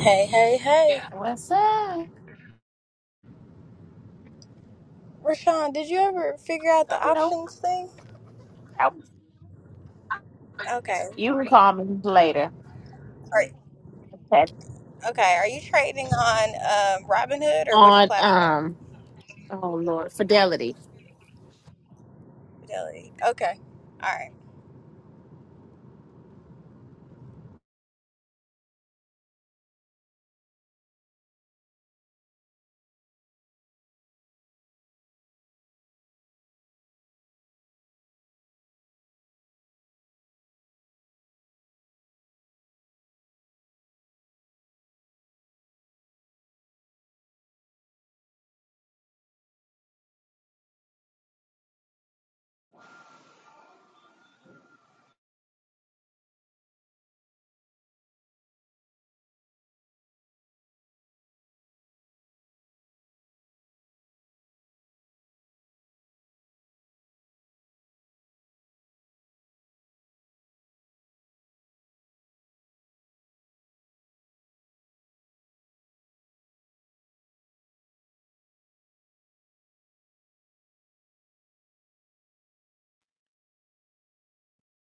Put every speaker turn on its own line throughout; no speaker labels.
Hey, hey,
Yeah.
hey.
What's up?
Rashawn, did you ever figure out the
No,
options thing? Okay.
you can call me later.
Are,
Okay.
okay. Are you trading on um, Robinhood or which
On
platform?
um, oh Lord, Fidelity.
Fidelity. Okay. All right.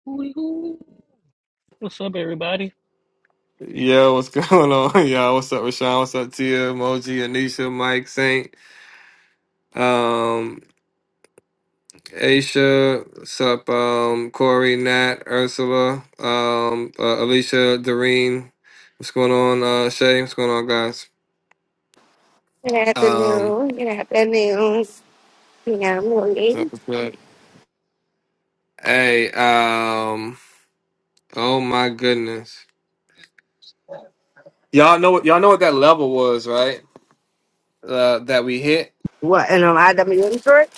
Hooty hoo. What's up, everybody?
Yo, what's going on, y'all? What's up, Rashawn? What's up, Tia, Emoji, Anisha, Mike, Saint, um, Aisha, what's up, um, Corey, Nat, Ursula, um, uh, Alicia, Doreen, what's going on, uh, Shay, what's going on, guys?
Good
Um,
afternoon. Good afternoon. Yeah, I'm
what's up,
afternoon.
what's up? Hey, um, oh my goodness. Y'all know what, y'all know what that level was, right? Uh, that we hit?
What? And um, IWM short?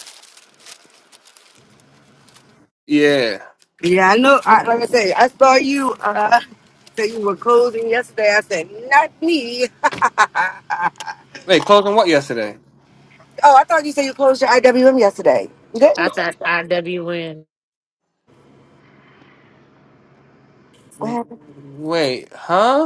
Yeah.
Yeah, I know. I, like I said, I saw you. Uh, said you were closing yesterday. I said, not me.
Wait, closing what yesterday?
oh, I thought you said you closed your IWM yesterday. You
I
didn't?
thought IWN.
Wait, huh?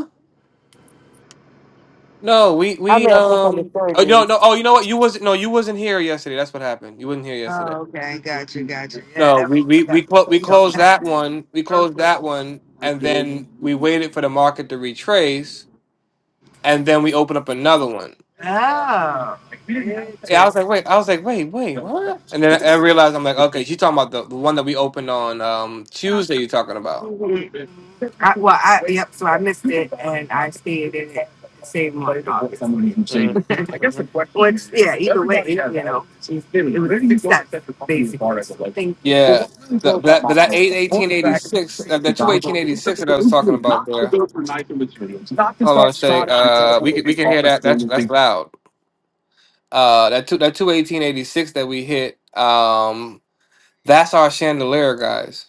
No, we
I
we
may have
um
misunderstood
oh no
you.
no oh you know what you wasn't no you wasn't here yesterday. That's what happened. You wasn't here
Oh,
yesterday.
okay. Gotcha. Gotcha. Yeah,
No,
that
we
was
we we
that.
clo- we
was- you know,
closed
that-
that one. We closed that one, and then we waited for the market to retrace, and then we opened up another one.
Oh.
Yeah, I was like, wait, I was like, wait, wait, what? And then I realized I'm like, okay, she's talking about the, the one that we opened on um Tuesday. You're talking about?
I, well, I, yep. So I missed it and I stayed in it. Same one.
Mhm, mhm. Yeah, the, but that but that eight eighteen eighty six that that two eighteen eighty six that I was talking about there. Hold on, Shay. Uh, we can we can hear that. That's that's loud. Uh, that two that two eighteen eighty six that we hit. Um, that's our chandelier, guys.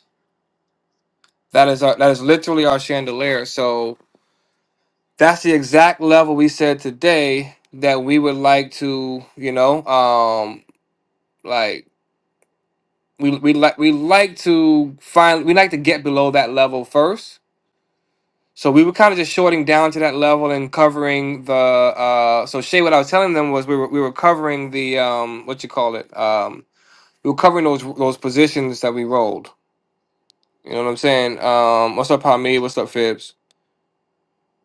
That is our that is literally our chandelier. So that's the exact level we said today that we would like to, you know, um, like we we like we like to find we like to get below that level first So we were kind of just shorting down to that level and covering the. Uh, so Shay, what I was telling them was we were we were covering the um what you call it um we were covering those those positions that we rolled. You know what I'm saying? Um, what's up, Hamid? What's up, Phibbs?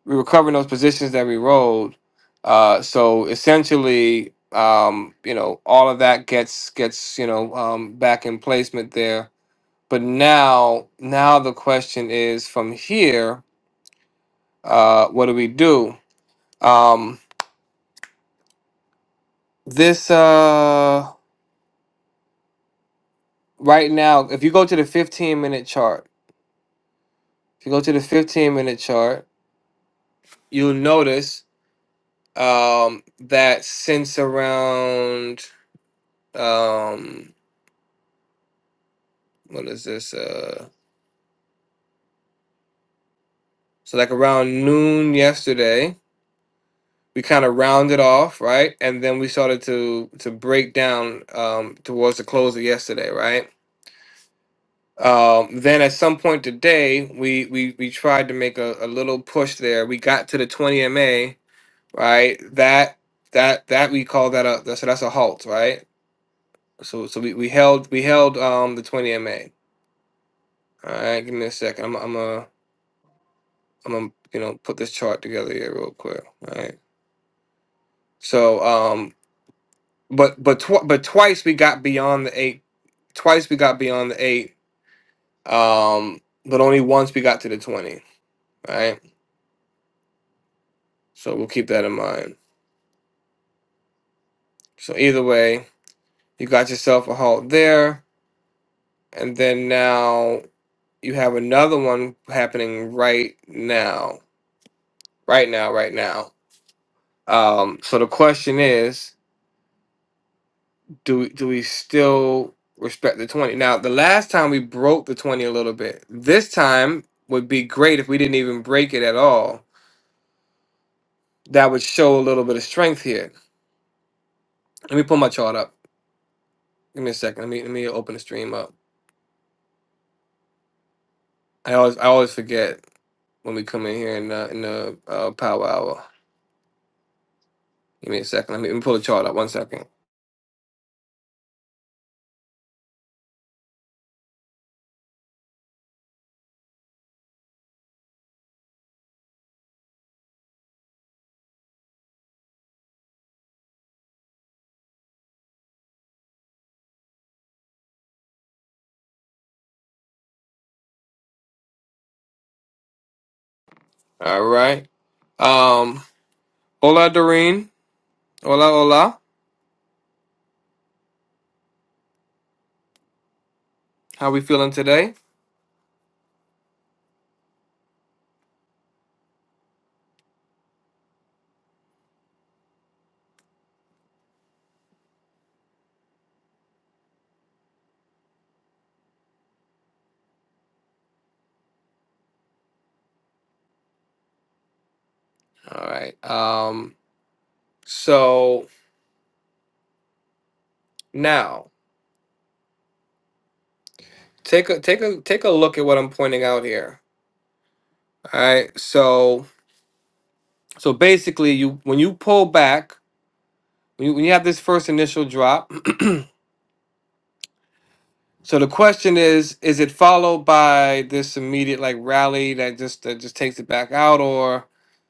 We were covering those positions that we rolled. Uh, so essentially, um, you know, all of that gets gets you know um, back in placement there. But now now the question is from here, uh, what do we do? Um, this uh right now if you go to the 15 minute chart if you go to the 15 minute chart you'll notice um that since around um what is this uh so like around noon yesterday we kind of rounded off right and then we started to to break down um towards the close of yesterday right um then at some point today we we we tried to make a, a little push there we got to the 20 ma right? That that that we call that a that's that's a halt, right? So so we, we held we held um the twenty MA. All right, give me a second. I'm I'm a I'm gonna you know put this chart together here real quick. All right. So um but but tw- but twice we got beyond the eight. Twice we got beyond the eight. Um, but only once we got to the twenty. Right. So we'll keep that in mind. So either way, you got yourself a halt there, and then now. You have another one happening right now, right now, right now. Um, so the question is, do do we still respect the twenty? Now, the last time we broke the twenty a little bit. This time would be great if we didn't even break it at all. That would show a little bit of strength here. Let me pull my chart up. Give me a second. Let me let me open the stream up. I always I always forget when we come in here in the in the uh, power hour. Give me a second. Let me, let me pull the chart up. One second. All right. Um, Hola, Doreen. Hola, hola. How we feeling today? All right. Um. So now, take a take a take a look at what I'm pointing out here. All right. So so basically, you when you pull back, when you, when you have this first initial drop. So the question is: Is it followed by this immediate like rally that just that just takes it back out, or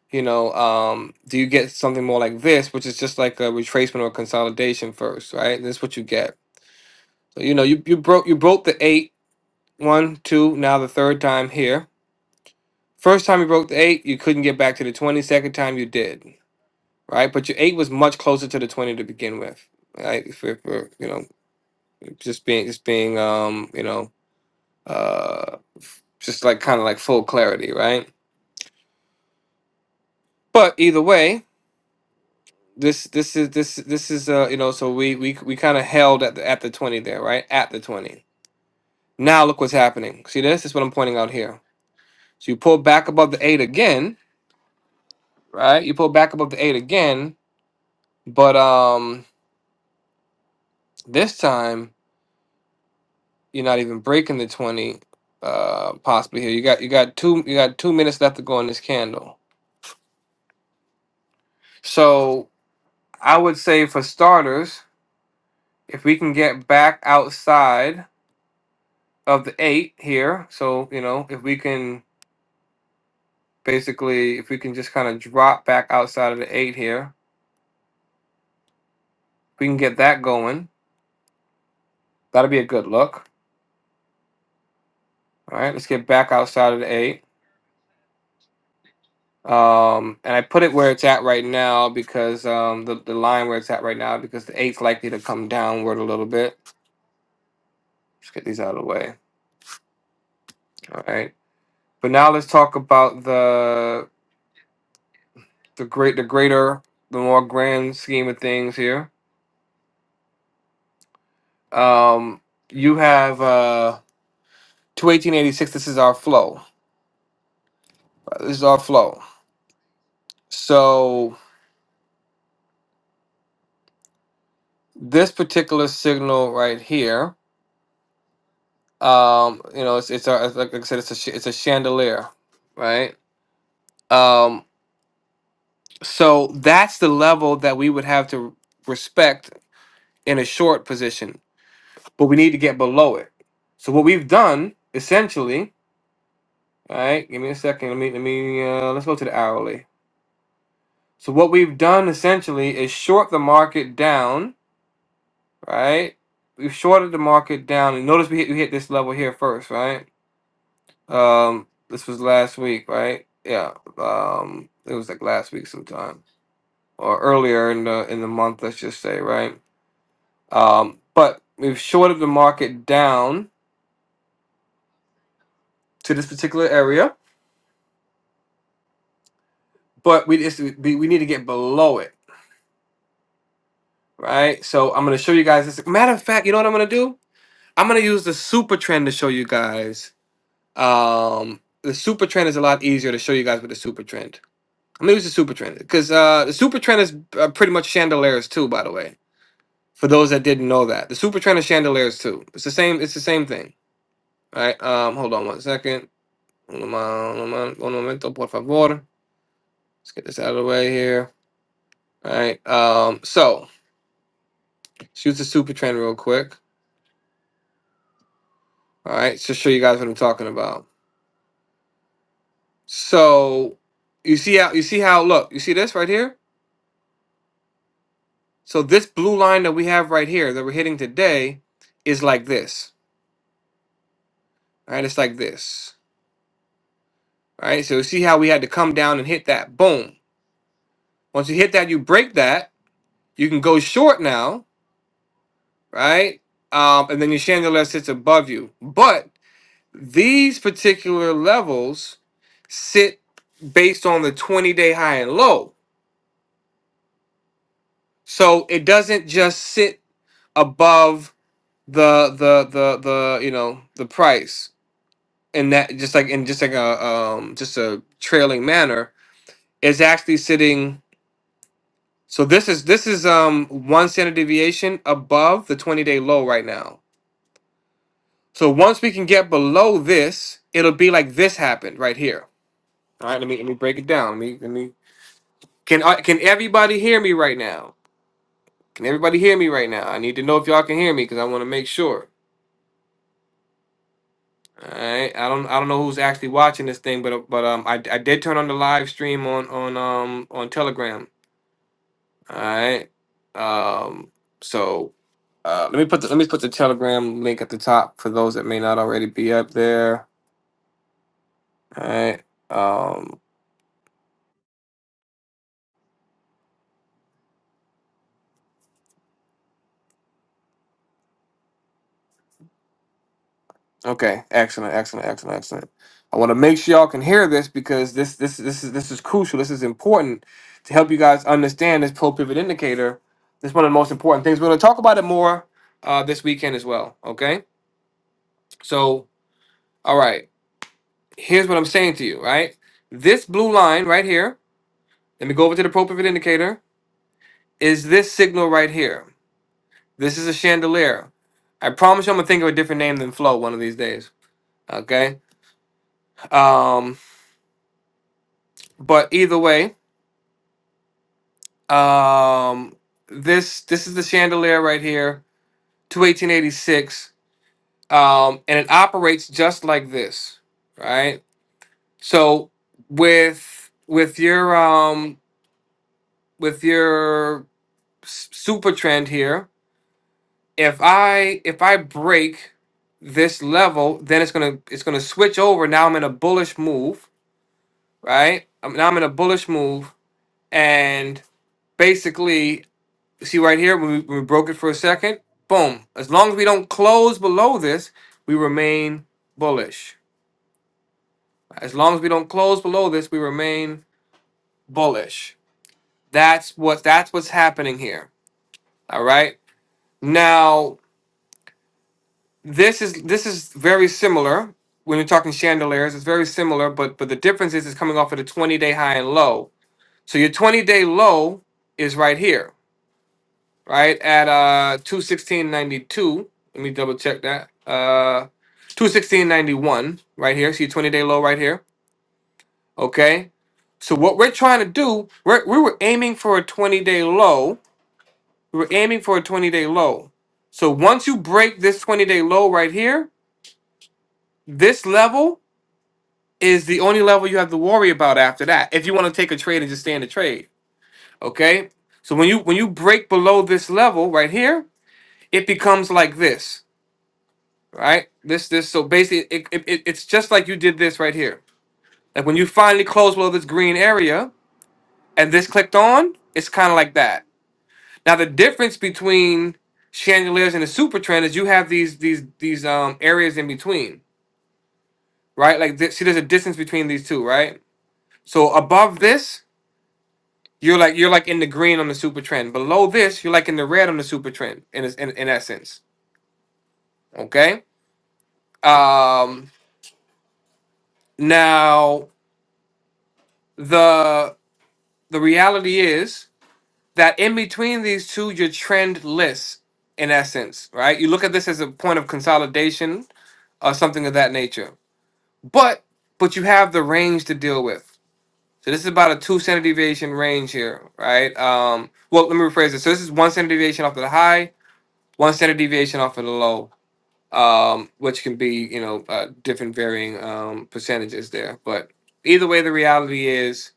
you know, um, do you get something more like this, which is just like a retracement or consolidation first, right? This is what you get. So, You know, you, you broke you broke the eight, one, two, now the third time here. First time you broke the eight, you couldn't get back to the twenty. Second time you did, right? But your eight was much closer to the twenty to begin with, right? For, for you know, just being just being um, you know, uh, just like kind of like full clarity, right? But either way, this this is this this is uh you know so we we we kind of held at the at the twenty there, right? At the twenty. Now look what's happening. See this? This is what I'm pointing out here. So you pull back above the eight again right? You pull back above the eight again, but um, this time you're not even breaking the twenty. Uh, possibly here. You got you got two you got two minutes left to go in this candle. So I would say for starters, if we can get back outside of the eight here, so you know if we can basically if we can just kind of drop back outside of the eight here, if we can get that going. That'll be a good look. All right, let's get back outside of the eight. Um, and I put it where it's at right now because um, the, the line where it's at right now because the eight's likely to come downward a little bit. Let's get these out of the way. All right. But now let's talk about the the great the greater the more grand scheme of things here. Um, you have uh, two eighteen eighty six. This is our flow. This is our flow. So this particular signal right here, um, you know, it's it's, a, it's like I said, it's a sh- it's a chandelier, right? Um, So that's the level that we would have to respect in a short position, but we need to get below it. So what we've done essentially, all right, give me a second. Let me let me uh, let's go to the hourly. So what we've done essentially is short the market down, right? We've shorted the market down, and notice we hit, we hit this level here first, right? Um, this was last week, right? Yeah, um, it was like last week sometime or earlier in the in the month, let's just say, right? Um, but we've shorted the market down to this particular area, but we just we, we need to get below it, right? So I'm gonna show you guys this. Matter of fact, you know what I'm gonna do? I'm gonna use the super trend to show you guys. Um, the super trend is a lot easier to show you guys with the super trend. I'm gonna use the super trend because uh, the super trend is uh, pretty much chandeliers too, by the way. For those that didn't know that, the super trend is chandeliers too. It's the same. It's the same thing, right? Um, hold on one second. Un, mom- un mom- un momento, por favor. Let's get this out of the way here. All right. Um, so let's use the super trend real quick. All right, to show you guys what I'm talking about. So you see how you see how look, you see this right here? So this blue line that we have right here that we're hitting today is like this. All right, it's like this. All right, so you see how we had to come down and hit that. Boom. Once you hit that, you break that. You can go short now, right? Um, and then your chandelier sits above you. But These particular levels sit based on the 20 day high and low. So it doesn't just sit above the the the the you know the price and that just like in just like a um just a trailing manner is actually sitting so this is this is um one standard deviation above the 20 day low right now so once we can get below this it'll be like this happened right here all right let me let me break it down Let let me let me. Can I, can everybody hear me right now? Can everybody hear me right now? I need to know if y'all can hear me because I want to make sure. All right. I don't I don't know who's actually watching this thing, but but um I, I did turn on the live stream on on um on Telegram. All right. Um. So uh, let me put the, let me put the Telegram link at the top for those that may not already be up there. All right. Okay, excellent, excellent, excellent, excellent. I want to make sure y'all can hear this because this this this is this is crucial. This is important to help you guys understand this pro pivot indicator. This is one of the most important things. We're going to talk about it more uh, this weekend as well. Okay, so all right, here's what I'm saying to you. Right, this blue line right here. Let me go over to the pro pivot indicator. Is this signal right here? This is a chandelier. I promise you, I'm gonna think of a different name than flow one of these days. Okay, um, but either way. Um, this this is the chandelier right here, to 1886, um, and it operates just like this, right? So with with your um with your s- super trend here, if I if I break this level, then it's gonna it's gonna switch over. Now I'm in a bullish move, right? Um, Now I'm in a bullish move, and basically see right here when we, when we broke it for a second boom as long as we don't close below this we remain bullish as long as we don't close below this we remain bullish that's what that's what's happening here all right now this is this is very similar when you're talking chandeliers it's very similar but but the difference is it's coming off of the 20 day high and low so your 20 day low is right here right? At uh two sixteen ninety two. Let me double check that. Uh two sixteen ninety one right here. See twenty day low right here. Okay. So what we're trying to do, we're, we were aiming for a twenty day low. We were aiming for a twenty day low. So once you break this twenty day low right here, this level is the only level you have to worry about after that. If you want to take a trade and just stay in the trade. Okay. So when you when you break below this level right here, it becomes like this. right? This this so basically it, it, it- it's just like you did this right here. Like when you finally close well this green area and this clicked on, it's kind of like that. Now the difference between chandeliers and the super trend is you have these these these um areas in between, right? Like this, see, there's a distance between these two, right? So above this, you're like you're like in the green on the super trend. Below this, you're like in the red on the super trend. In es- in, in essence, okay. Um, now the the reality is that in between these two, your trend lists, in essence, right? You look at this as a point of consolidation or something of that nature. But but you have the range to deal with. So this is about a two standard deviation range here, right? Um, well, let me rephrase this. So this is one standard deviation off of the high, one standard deviation off of the low, um, which can be you know uh, different varying um, percentages there. But either way, the reality is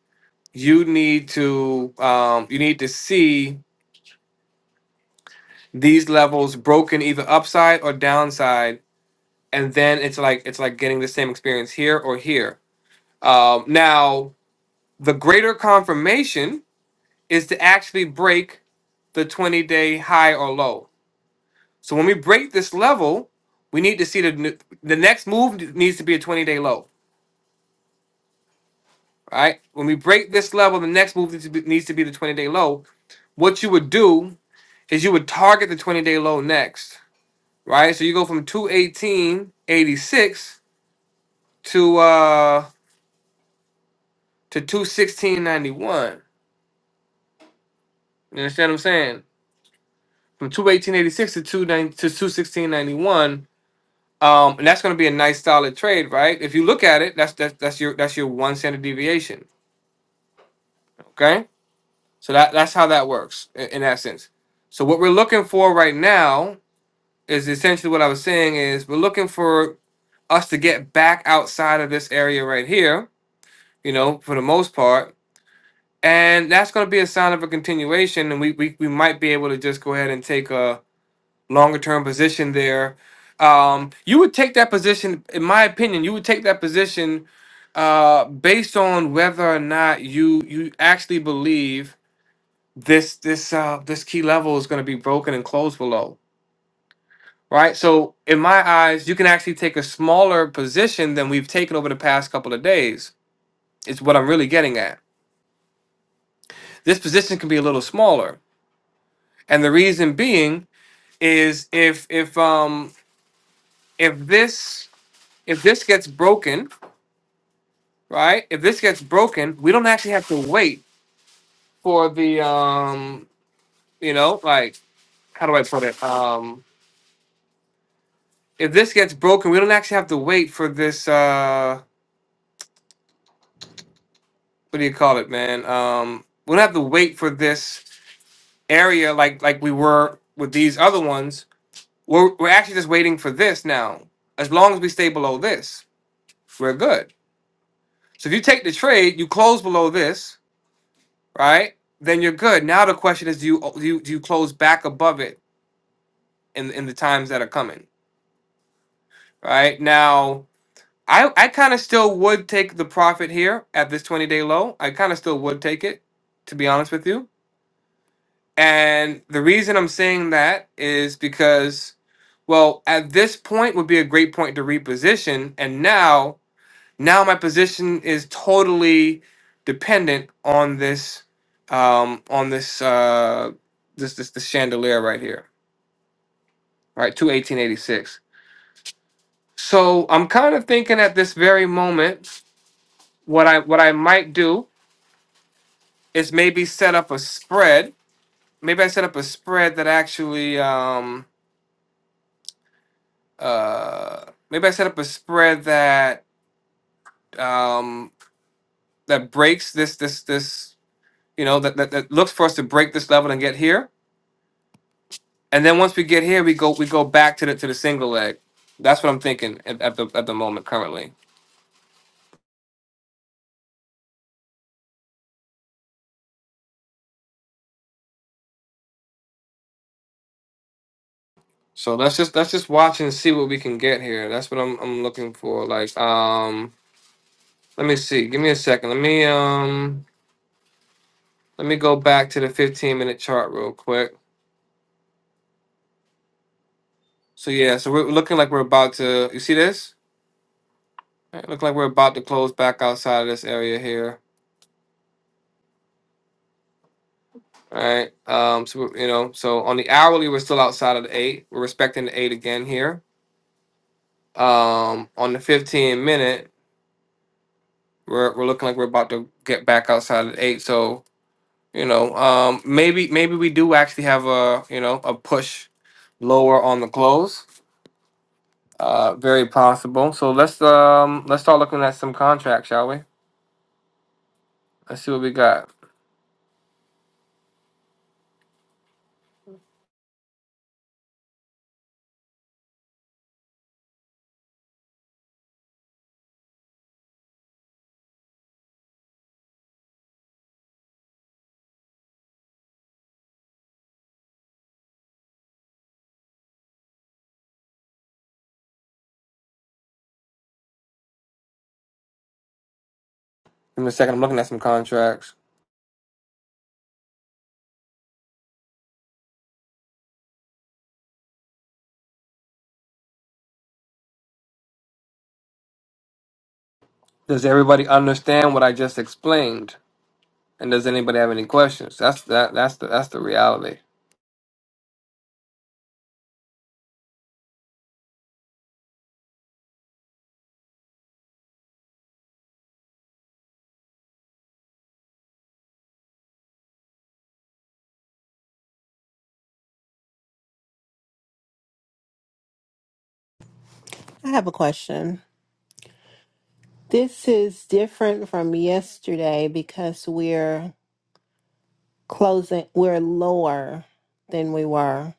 you need to um, you need to see these levels broken either upside or downside and then it's like it's like getting the same experience here or here um, now the greater confirmation is to actually break the 20 day high or low so when we break this level we need to see the n- the next move needs to be a 20 day low right when we break this level the next move needs to be, needs to be the 20 day low what you would do is you would target the 20 day low next, right? So you go from 218.86 to uh to two sixteen ninety one. You understand what I'm saying? From two eighteen eighty six to two nine to two sixteen ninety one. Um, and that's going to be a nice solid trade, right? If you look at it, that's that's that's your that's your one standard deviation. Okay, so that that's how that works in, in that sense. So what we're looking for right now is essentially what I was saying is we're looking for us to get back outside of this area right here. You know, for the most part, and that's going to be a sign of a continuation and we, we we might be able to just go ahead and take a longer term position there um you would take that position in my opinion you would take that position uh based on whether or not you you actually believe this this uh this key level is going to be broken and closed below right so in my eyes you can actually take a smaller position than we've taken over the past couple of days is what i'm really getting at this position can be a little smaller and the reason being is if if um if this if this gets broken, right? If this gets broken, we don't actually have to wait for the um you know like how do I put it um if this gets broken, we don't actually have to wait for this uh what do you call it, man? Um, we don't have to wait for this area like like we were with these other ones. We're we're actually just waiting for this now. As long as we stay below this, we're good. So if you take the trade, you close below this, right? Then you're good. Now the question is, do you do you, do you close back above it in in the times that are coming, right? Now, I I kind of still would take the profit here at this 20 day low. I kind of still would take it, to be honest with you. And the reason I'm saying that is because, well, at this point would be a great point to reposition, and now now my position is totally dependent on this um on this uh this this, this chandelier right here right to 1886 so i'm kind of thinking at this very moment what i what i might do is maybe set up a spread maybe i set up a spread that actually um uh maybe i set up a spread that um that breaks this this this you know that that, that looks for us to break this level and get here And then once we get here, we go we go back to the to the single leg. That's what I'm thinking at, at the at the moment currently. So let's just let's just watch and see what we can get here. That's what I'm I'm looking for. Like um, let me see. Give me a second. Let me um, let me go back to the 15 minute chart real quick. So yeah, so we're looking like we're about to. You see this? All Right, look like we're about to close back outside of this area here. All right. Um. So we're- you know, so on the hourly, we're still outside of the eight. We're respecting the eight again here Um, on the 15 minute, we're we're looking like we're about to get back outside at eight. So you know, um, maybe maybe we do actually have a you know a push lower on the close. Uh, very possible. So let's um let's start looking at some contracts, shall we? Let's see what we got. Give me a second. I'm looking at some contracts. Does everybody understand what I just explained? And does anybody have any questions? That's that that's the that's the reality.
I have a question. This is different from yesterday because we're closing, we're lower than we were.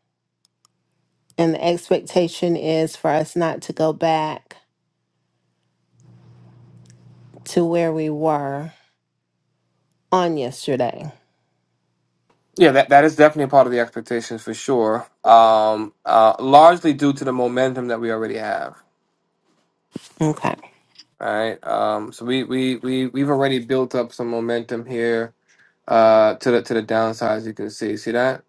And the expectation is for us not to go back to where we were on yesterday.
Yeah, that, that is definitely a part of the expectations for sure. Um, uh, largely due to the momentum that we already have.
Okay.
right? Um, so we, we, we, we've already built up some momentum here, uh, to the, to the downside, as you can see. See that?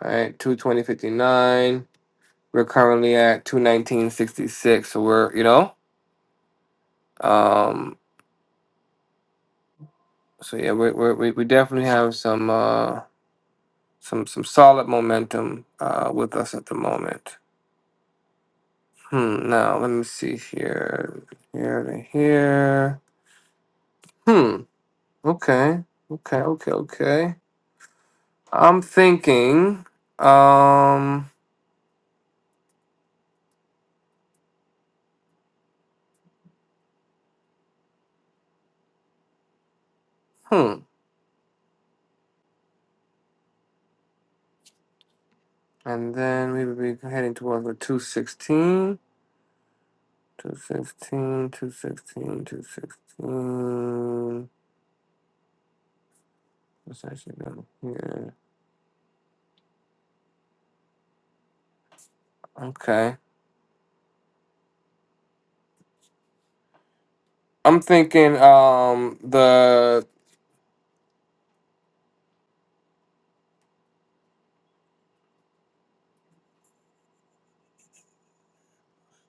right? 220.59. We're currently at 219.66. So we're, you know, um, so yeah, we, we, we we definitely have some, uh, some, some solid momentum, uh, with us at the moment. Hmm. Now let me see here. Here to here. Hmm. Okay. Okay. Okay. Okay. I'm thinking. Um. Hmm. And then we would be heading towards the 216. 216, 216, 216. What's actually down here? Okay. I'm thinking um the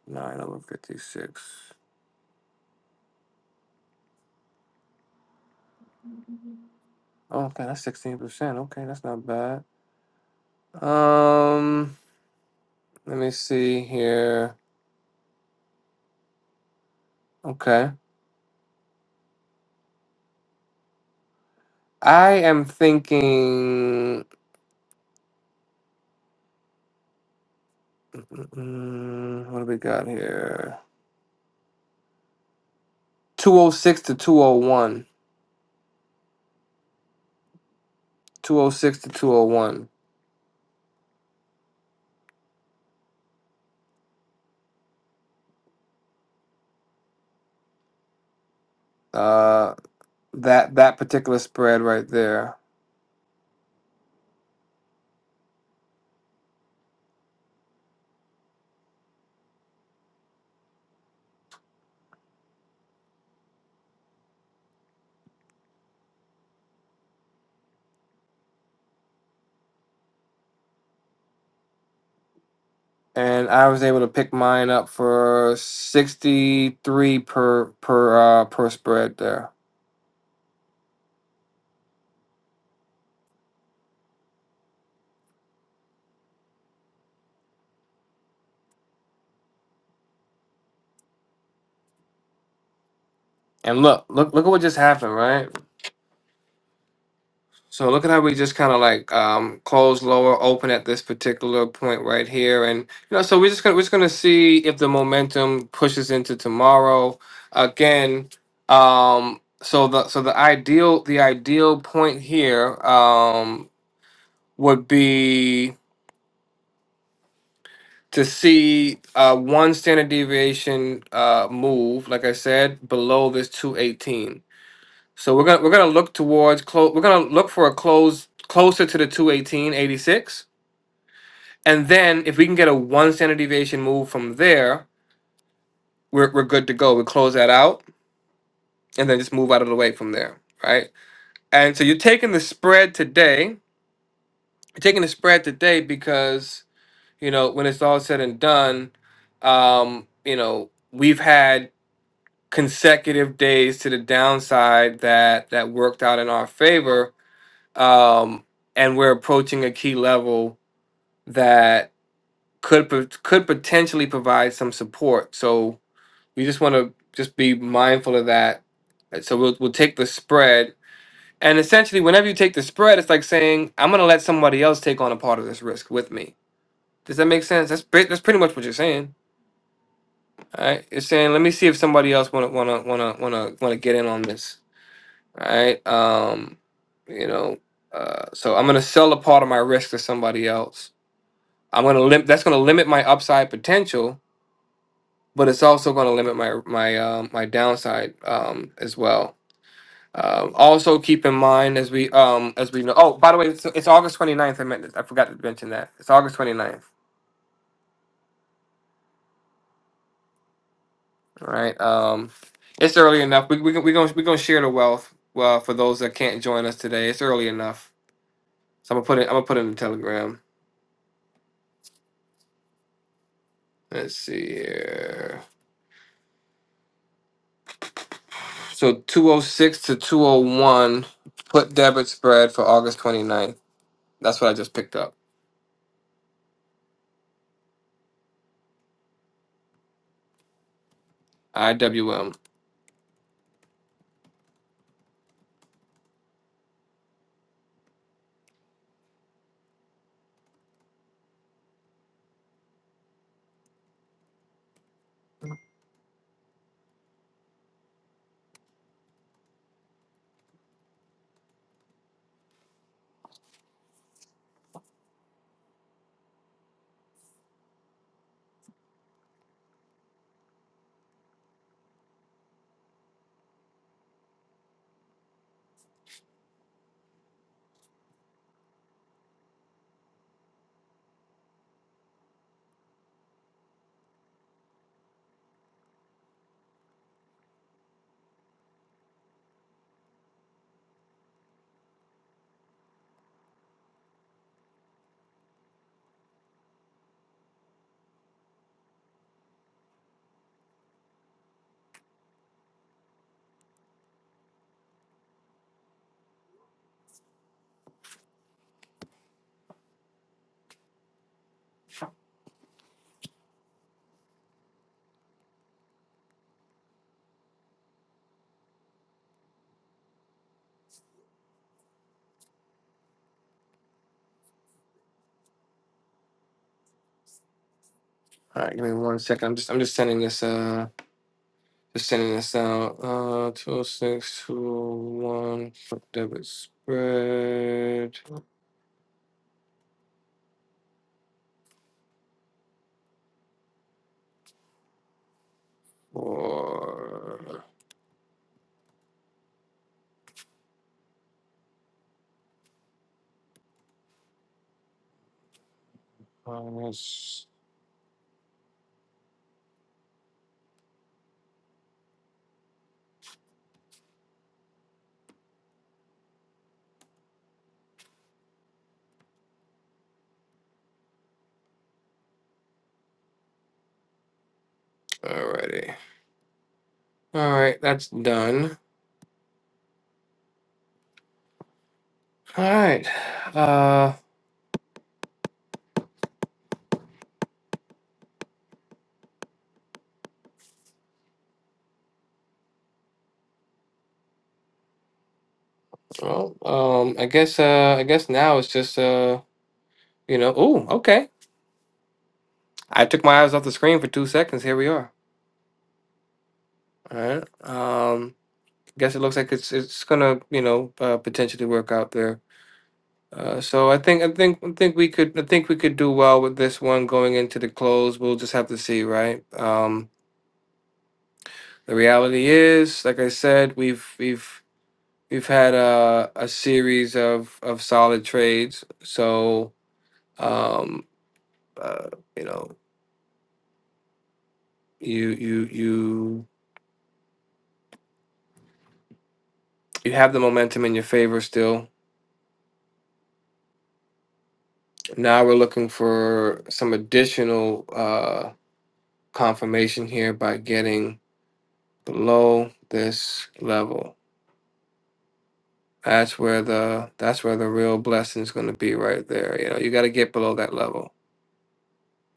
9 over 56. Oh, Okay, that's 16%. Okay, that's not bad. Um Let me see here. Okay. I am thinking, mm, what do we got here? 206 to 201. 206 to 201. Uh, that that particular spread right there. And I was able to pick mine up for 63 per per uh, per spread there. And look, look look at what just happened, right? So look at how we just kind of like um, close lower, open at this particular point right here, and you know, so we're just gonna we're just gonna see if the momentum pushes into tomorrow again. Um, so the so the ideal the ideal point here um, would be to see uh, one standard deviation uh, move, like I said, below this two eighteen. So we're gonna we're gonna look towards close. We're gonna look for a close closer to the 218.86 And then if we can get a one standard deviation move from there, we're, we're good to go. We close that out and then just move out of the way from there, right? And so you're taking the spread today. You're taking the spread today because, you know, when it's all said and done, um, you know, we've had consecutive days to the downside that that worked out in our favor. Um, and we're approaching a key level that could pot- could potentially provide some support. So we just want to just be mindful of that. So we'll we'll take the spread, and essentially, whenever you take the spread, it's like saying I'm going to let somebody else take on a part of this risk with me. Does that make sense? That's pre- that's pretty much what you're saying. All right, you're saying let me see if somebody else want to want to want to want to want to get in on this. All right, um, you know, uh, so I'm going to sell a part of my risk to somebody else. I'm going to lim- that's going to limit my upside potential, but it's also going to limit my my um, my downside um, as well Um, also keep in mind as we um as we know oh by the way it's, it's August 29th I meant I forgot to mention that it's August 29th all right um it's early enough we we gon- we gonna we gonna share the wealth well for those that can't join us today it's early enough so I'm gonna put it I'm gonna put it in the telegram let's see here so 206 to 201 put debit spread for August 29th that's what I just picked up IWM all right give me one second I'm just I'm just sending this Uh. Just sending this out. Uh, two oh six two oh one for debit spread for minus. Alrighty. All right, that's done. All right. Uh, well, um, I guess uh, I guess now it's just uh, you know. Ooh, okay. I took my eyes off the screen for two seconds. Here we are. All right. Um, guess it looks like it's it's gonna you know uh, potentially work out there. Uh, so I think I think I think we could I think we could do well with this one going into the close. We'll just have to see, right? Um, the reality is, like I said, we've we've we've had a a series of of solid trades. So um, uh, you know, you you you you have the momentum in your favor still. Now we're looking for some additional uh confirmation here by getting below this level. That's where the that's where the real blessing is going to be right there. You know, you got to get below that level.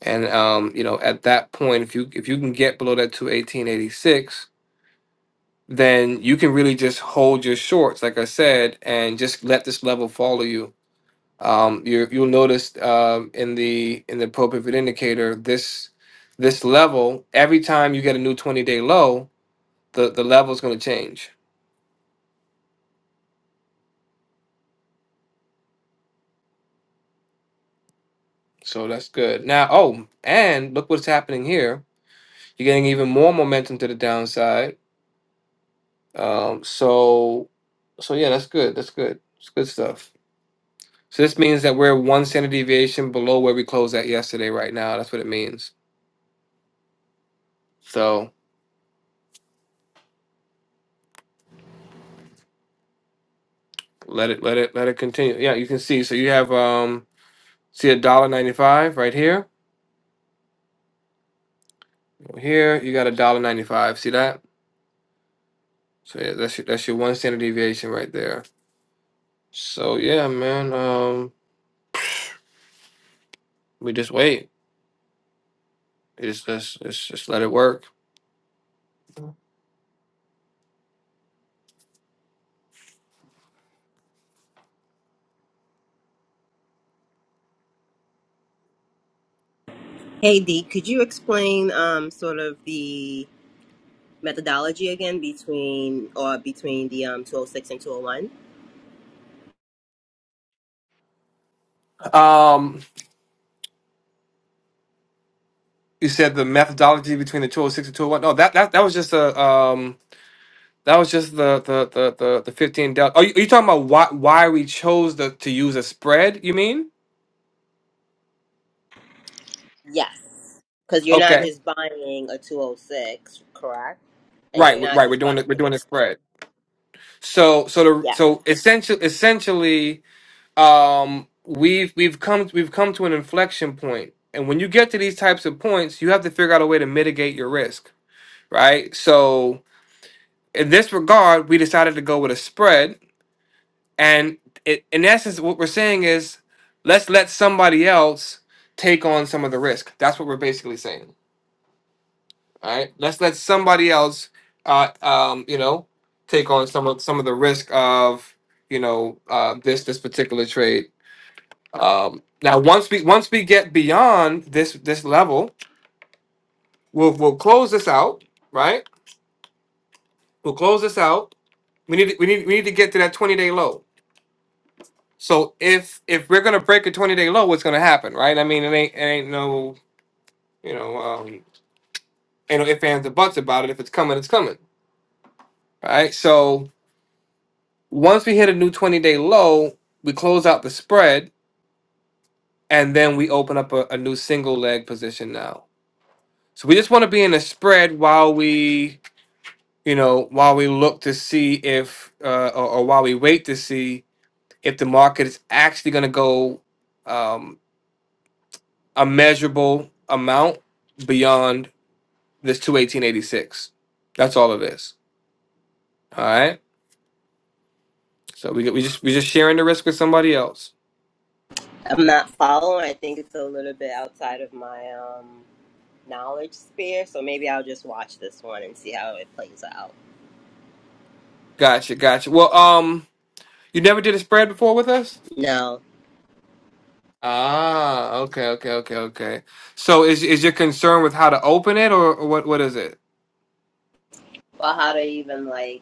And um, you know, at that point, if you if you can get below that to eighteen eighty six, then you can really just hold your shorts, like I said, and just let this level follow you. Um, you you'll notice um, in the in the pro pivot indicator this this level every time you get a new twenty day low, the the level is going to change. So that's good. Now, oh, and look what's happening here You're getting even more momentum to the downside. Um, so, so yeah, that's good. That's good. It's good stuff. So this means that we're one standard deviation below where we closed at yesterday. Right now, that's what it means. So let it, let it, let it continue. Yeah, you can see. So you have um, see a dollar ninety five right here. Here you got a dollar ninety five. See that? So yeah, that's your, that's your one standard deviation right there. So yeah, man. Um, we just wait. It's just, it's just let it work.
Hey Dee, could you explain um, sort of the methodology again between or between the um, 206 and 201?
Um, you said the methodology between the 206 and 201 no that that, that was just a um that was just the the the the, the 15 del- are, you, are you talking about why why we chose the, to use a spread you mean
Yes. Because you're not
okay
just buying a 206, correct? And
right
you're
right
not
right, we're
just buying
doing it we're
like a
doing a spread so so the
yeah.
so essentially essentially um we've we've come we've come to an inflection point and when you get to these types of points you have to figure out a way to mitigate your risk right so in this regard we decided to go with a spread And it, in essence, what we're saying is, let's let somebody else take on some of the risk. That's what we're basically saying. All right, let's let somebody else, uh, um, you know, take on some of some of the risk of you know uh, this this particular trade. Um, now, once we once we get beyond this this level, we'll we'll close this out. Right, we'll close this out. We need to- we need we need to get to that twenty day low So if if we're gonna break a twenty day low, what's gonna happen, right? I mean, it ain't it ain't no you know um, ain't no ifs ands or buts about it. If it's coming, it's coming, right? So once we hit a new twenty day low, we close out the spread, and then we open up a, a new single leg position now. So we just want to be in a spread while we you know while we look to see if uh, or, or while we wait to see if the market is actually gonna go um, a measurable amount beyond This two eighteen eighty six. That's all it is. All right. So we we just we just sharing the risk with somebody else.
I'm not following. I think it's a little bit outside of my um, knowledge sphere, so maybe I'll just watch this one and see how it plays out.
Gotcha, gotcha. Well, um, you never did a spread before with us.
No,
Ah, okay, okay, okay, okay. So is is your concern with how to open it, or, or what? What is it?
well, how to even like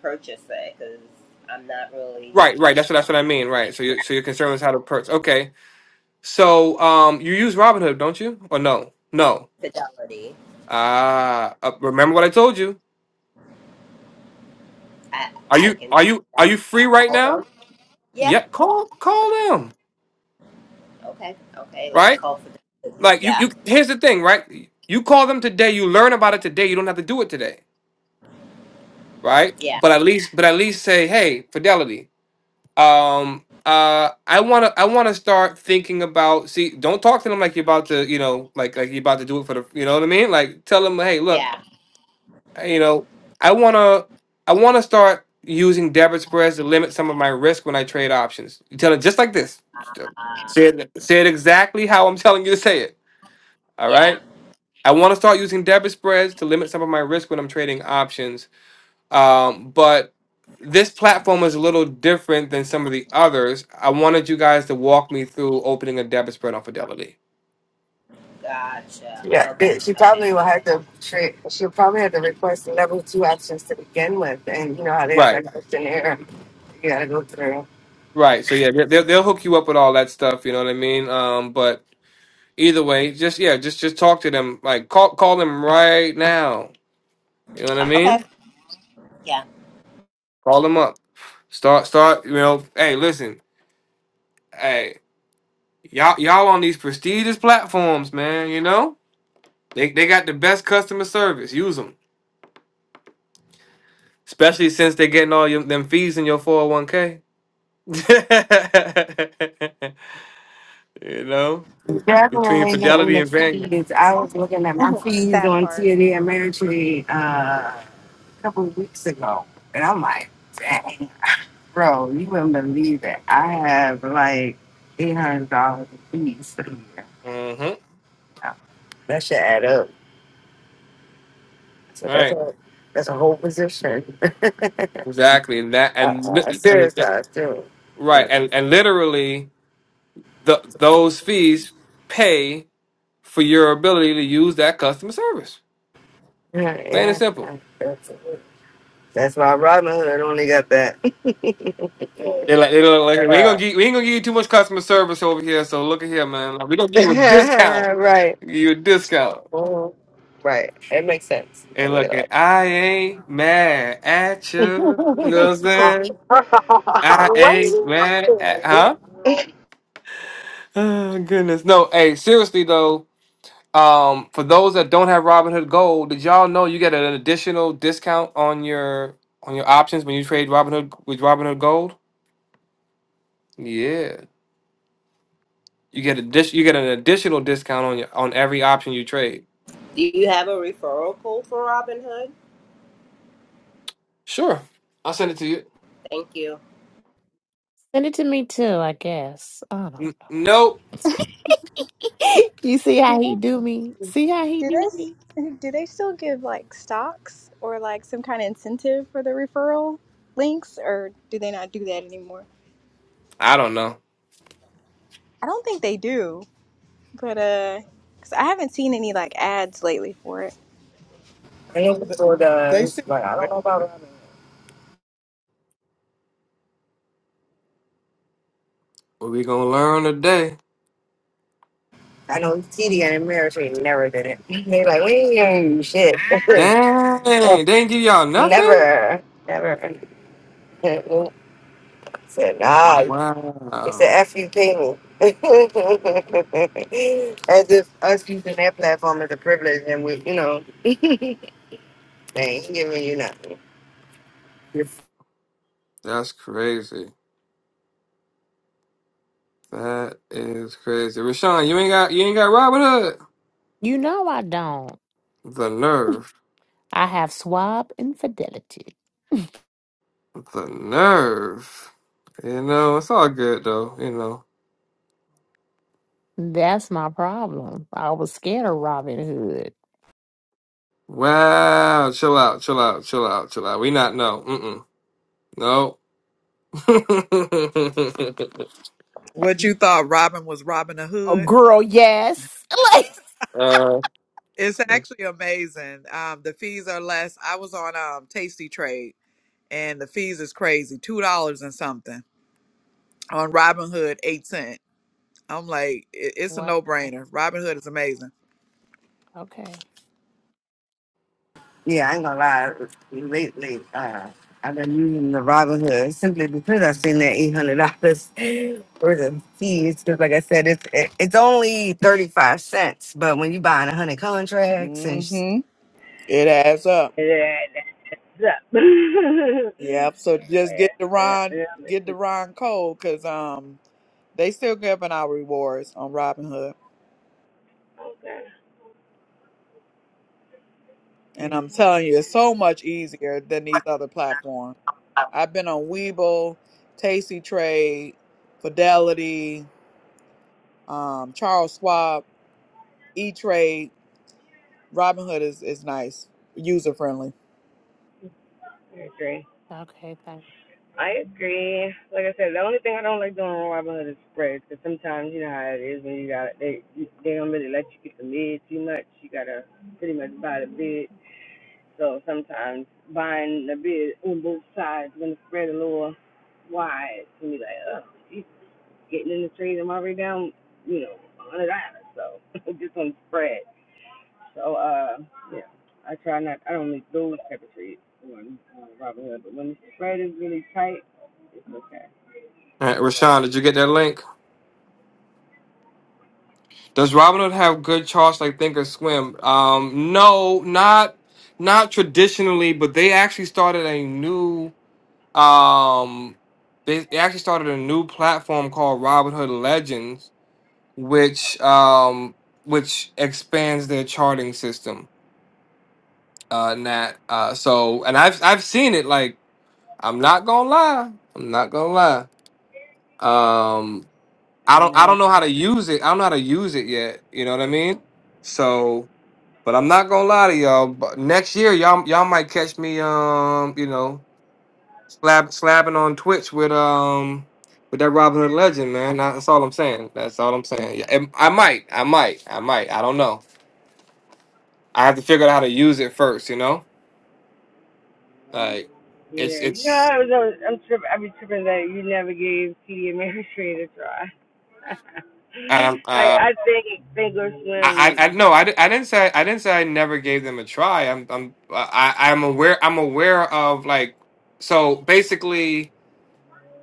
purchase it because I'm not really
Right, right. That's what that's what I mean. Right. So
yeah
you so your concern is how to purchase. Okay. So um, you use Robinhood, don't you? Or no? No.
fidelity.
Ah, uh, remember what I told you.
I,
Are
I
you
can
are you
find
are
out.
you free right
Call
now?
them. Yeah.
Yeah. Call call them.
Okay. Okay. Let
Right.
me call for them.
Like you,
Yeah.
you. Here's the thing, right? You call them today. You learn about it today. You don't have to do it today, right?
Yeah.
But at least, but at least say, hey, fidelity. Um, uh, I wanna, I wanna start thinking about. See, don't talk to them like you're about to, you know, like like you're about to do it for the. You know what I mean? Like tell them, hey, look,
Yeah.
you know, I wanna, I wanna start using debit spreads to limit some of my risk when I trade options. You tell it just like this.
Um,
Say it, say it exactly how I'm telling you to say it. All right.
yeah.
I want to start using debit spreads to limit some of my risk when I'm trading options. Um, but this platform is a little different than some of the others. I wanted you guys to walk me through opening a debit spread on Fidelity.
Gotcha.
Yeah,
Okay.
it- she
Okay.
probably will
Okay.
have to. Tra- she'll probably have to request the level two options to begin with, and you know how they have
Right,
that questionnaire you got to go through.
right. So yeah, they- they'll they'll hook you up with all that stuff. You know what I mean? Um, but either way, just yeah, just just talk to them. Like call call them right now. You know what I
Okay.
mean?
Yeah.
Call them up. Start start. You know, hey, listen, hey, y'all y'all on these prestigious platforms, man. You know. They they got the best customer service. Use them, especially since they're getting all your, them fees in your four hundred one k. You know, between
Definitely getting
Fidelity
the
and Vanguard.
fees. I was looking at my fees
That
on
part.
TNA Ameritrade uh, a couple of weeks ago, and I'm like, dang, bro, you wouldn't believe it. I have like eight hundred dollars in fees for the year.
Mm-hmm.
That should add up. So that's
Right.
a that's a whole position.
Exactly. And that and
Uh,
li- and
serious I too.
right
Yeah,
and and literally the those fees pay for your ability to use that customer service. Plain and
yeah,
simple.
yeah. That's that's why Robin Hood only got that.
They like they look like we ain't gonna
Yeah.
give we ain't gonna give you too much customer service over here. So look at here, man. Like, we gonna give you a discount.
right.
Give you a discount.
Mhm. Right. It makes sense. Let
And
me get
look,
it
and
like.
I ain't mad at you. You know what I'm saying? I ain't
What?
mad at huh? Oh goodness. No, hey, seriously though, um, for those that don't have Robinhood Gold, did y'all know you get an additional discount on your on your options when you trade Robinhood with Robinhood Gold? Yeah. You get a dis- you get an additional discount on your on every option you trade.
Do you have a referral code for Robinhood?
Sure. I'll send it to you.
Thank you.
Send it to me too. I guess. I don't. know.
N- nope.
you see how
Do they,
he do me? See how he
do
do
they s-
me?
do they still give like stocks or like some kind of incentive for the referral links or do they not do that anymore?
I don't know.
I don't think they do, but uh, cause I haven't seen any like ads lately for it.
I know
Th-
before
They
does,
still
but I don't know about Robin. Hood.
What we gonna learn today?
I know TD and Mary she never did it. They like we ain't doing shit.
Dang, they didn't give y'all nothing?
never, never. Said nah. They said,
Wow.
after you pay me. as if us using that platform is a privilege and we, you know, they ain't giving you nothing. It's-
That's crazy. That is crazy. Rashawn, you ain't got you ain't got Robin Hood.
You know I don't.
The nerve.
I have swab infidelity.
The nerve. You know, it's all good though, you know.
That's my problem. I was scared of Robin Hood.
Wow, chill out, chill out, chill out, chill out. We not no. Mm-mm. No.
What you thought Robin was Robin a
Oh,
hood?
girl, yes. Like,
uh,
It's
all
actually amazing. Um, the fees are less. I was on um Tasty Trade and the fees is crazy. Two dollars and something. On Robin Hood, eight cent. I'm like, it, it's a
wow.
no brainer. Robin Hood is amazing.
Okay.
yeah, I ain't gonna lie. Lately, uh, I've been using the Robinhood simply because I've seen that $800 worth of fees. Because, like I said, it's it, it's only 35 cents, but when you buying 100 contracts and s-
Mm-hmm. It adds up. Yep. So just get the Ron, get the Ron code cause um they still giving out rewards on Robinhood, and I'm telling you, it's so much easier than these other platforms. I've been on Weeble, Tasty Trade, Fidelity, um, Charles Schwab, E Trade. Robinhood is, is nice, user friendly.
I
Okay. Thank
I agree. Like I said, the only thing I don't like doing on Robinhood is spreads. Cause sometimes you know how it is when you got they they don't really let you get the mid too much. You gotta pretty much buy the bid. So sometimes buying the bid on both sides when the spread a little wide can be like, oh, geez, getting in the trade, I'm already down, you know, a hundred dollars. So just on the spread. So uh, yeah, I try not. I don't make those type of trades on, on Robinhood, but when
right, Rashawn, did you get that link? Does Robinhood have good charts like Think Thinkorswim? Um, no, not not traditionally, but they actually started a new um, they they actually started a new platform called Robinhood Legends, which um, which expands their charting system. Uh, Nat. Uh, so and I've I've seen it. Like I'm not gonna lie, I'm not gonna lie. Um, I don't I don't know how to use it. I don't know how to use it yet. You know what I mean? So. But I'm not gonna lie to y'all. But next year, y'all y'all might catch me, um, you know, slab slapping on Twitch with um with that Robin Hood legend, man. That- That's all I'm saying. That's all I'm saying. Yeah, and I might, I might, I might. I don't know. I have to figure out how to use it first. You know, like it's it's. Um, uh, I I I no, I, di- I didn't say I didn't say I never gave them a try. I'm I'm I, I- I'm aware I'm aware of like so basically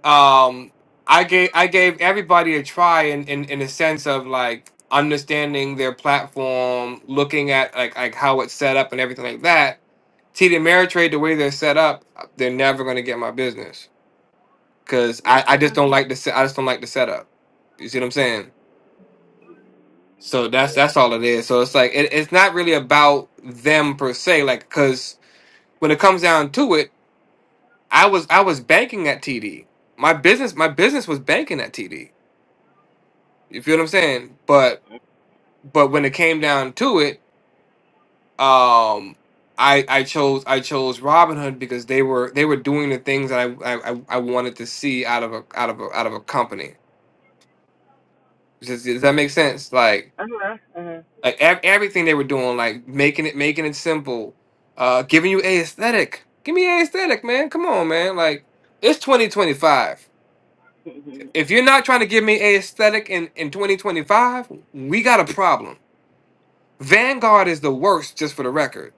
um i gave i gave everybody a try in in, in a sense of like understanding their platform looking at like like how it's set up and everything like that td ameritrade the way they're set up they're never going to get my business because i i just don't like the se- i just don't like the setup you see what i'm saying so that's that's all it is so it's like it, it's not really about them per se like because when it comes down to it i was i was banking at td my business my business was banking at td You feel what I'm saying? But but when it came down to it, um, I I chose I chose Robinhood because they were they were doing the things that I I, I I wanted to see out of a out of a out of a company. Does, does that make sense? Like like ev- everything they were doing, like making it making it simple, uh, giving you a aesthetic. Give me a aesthetic, man. Come on, man. Like it's 2025. If you're not trying to give me a aesthetic in in 2025, we got a problem Vanguard is the worst, just for the record,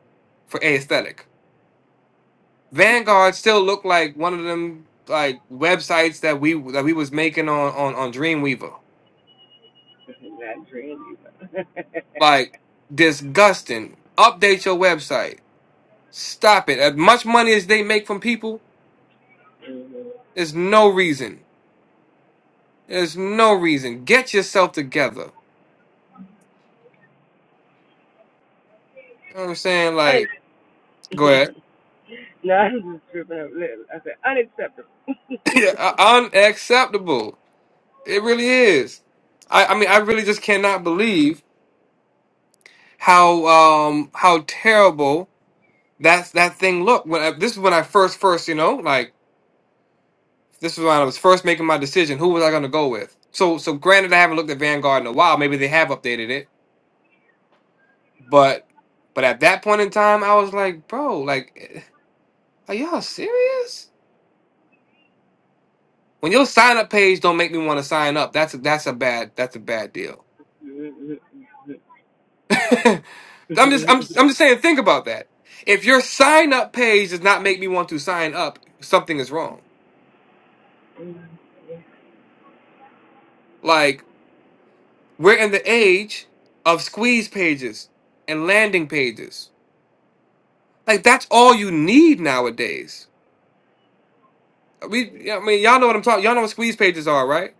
for aesthetic. Vanguard still looked like one of them like websites that we that we was making on on on Dreamweaver. Like disgusting. Update your website. Stop it. As much money as they make from people, there's no reason. There's no reason. Get yourself together. You know what I'm saying? Like, go ahead. Yeah, Unacceptable. It really is. I, I mean, I really just cannot believe how um how terrible that that thing looked. When I, this is when I first first you know like this is when I was first making my decision. Who was I going to go with? So so granted, I haven't looked at Vanguard in a while. Maybe they have updated it, but but at that point in time, I was like, bro, like, eh, are y'all serious? When your sign up page don't make me want to sign up, that's a, that's a bad that's a bad deal. I'm just I'm just, I'm just saying. Think about that. If your sign up page does not make me want to sign up, something is wrong. Like We're in the age of squeeze pages and landing pages. Like that's all you need nowadays. We, I mean, y'all know what I'm talking. Y'all know what squeeze pages are, right?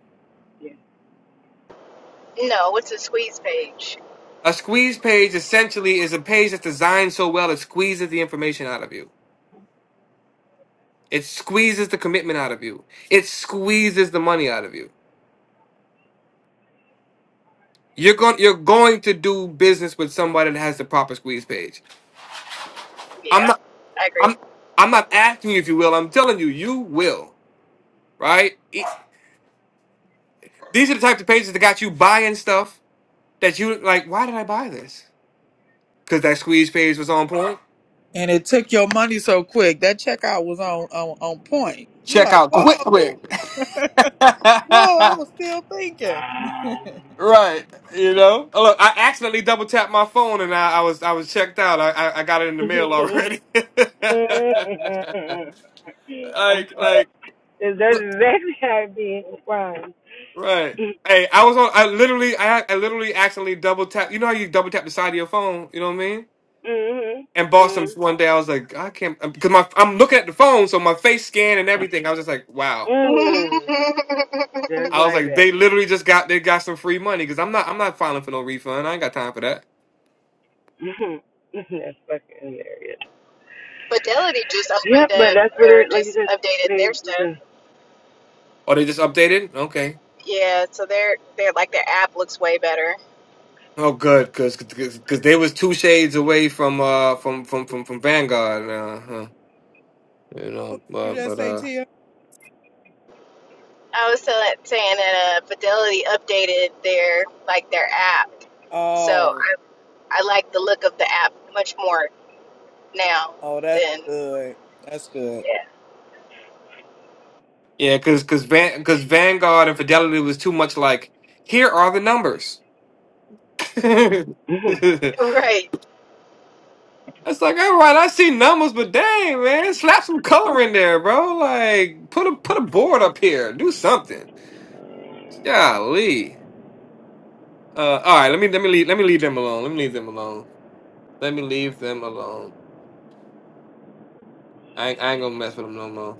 No, it's a squeeze page.
A squeeze page essentially is a page that's designed so well it squeezes the information out of you. It squeezes the commitment out of you. It squeezes the money out of you. You're going you're going to do business with somebody that has the proper squeeze page.
Yeah,
I'm not
I agree.
I'm I'm not asking you if you will. I'm telling you you will, right? E- These are the types of pages that got you buying stuff that you like. Why did I buy this? Because that squeeze page was on point.
And it took your money so quick. That checkout was on on, on point. You're
Check
like,
out quick, quick.
whoa. whoa, I
right,
was still thinking.
you know. Oh, look, I accidentally double tapped my phone and I, I was I was checked out. I, I I got it in the mail already. like like right. Hey, I was on. I literally I I literally accidentally double tapped. You know how you double tap the side of your phone. You know what I mean? and bought some one day. I was like, I can't because my I'm looking at the phone, so my face scan and everything. I was just like, wow.
Fidelity
I was like, they literally just got they got some free money because I'm not I'm not filing for no refund. I ain't got time for that.
just opened up or just updated their stuff.
Or they just updated. Okay.
Yeah, so their their like their app looks way better.
Oh, good, because because they was two shades away from uh from from from from Vanguard. Uh, huh, you
what
know,
did you
uh,
just
but
say,
uh
Tia?
I was telling, saying that uh, Fidelity updated their like their app, so
Oh,
I, I like the look of the app much more now
oh, that's
than
good. That's good.
yeah
yeah, because because Van because Vanguard and Fidelity was too much like here are the numbers.
right.
It's like, all right, I see numbers, but dang, man, slap some color in there, bro. Like, put a put a board up here, do something. Golly. Uh, all right, let me let me leave let me leave them alone. Let me leave them alone. Let me leave them alone. I ain't, I ain't gonna mess with them no more.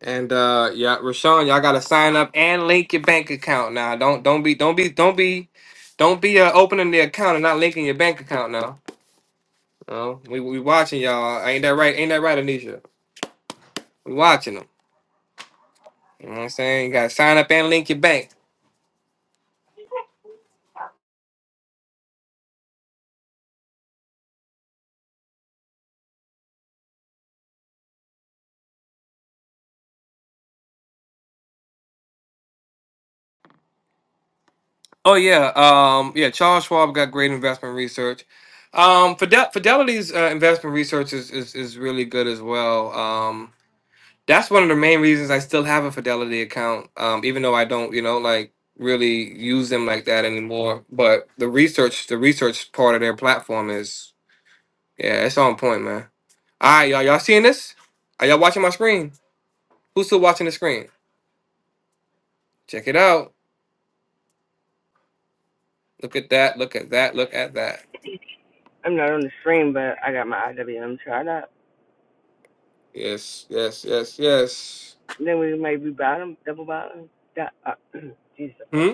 And uh, yeah, Rashawn, y'all gotta sign up and link your bank account now. Don't don't be don't be don't be don't be uh, opening the account and not linking your bank account now. Oh, we we watching y'all. Ain't that right? Ain't that right, Anisha? We watching them. You know what I'm saying? You gotta sign up and link your bank. Oh yeah, um, yeah. Charles Schwab got great investment research. Um, Fidel- Fidelity's uh, investment research is, is is really good as well. Um, that's one of the main reasons I still have a Fidelity account, um, even though I don't, you know, like really use them like that anymore. But the research, the research part of their platform is, yeah, it's on point, man. All right, y'all, y'all seeing this? Are y'all watching my screen? Who's still watching the screen? Check it out. Look at that. Look at that. Look at that. Yes, yes, yes, yes. Hmm?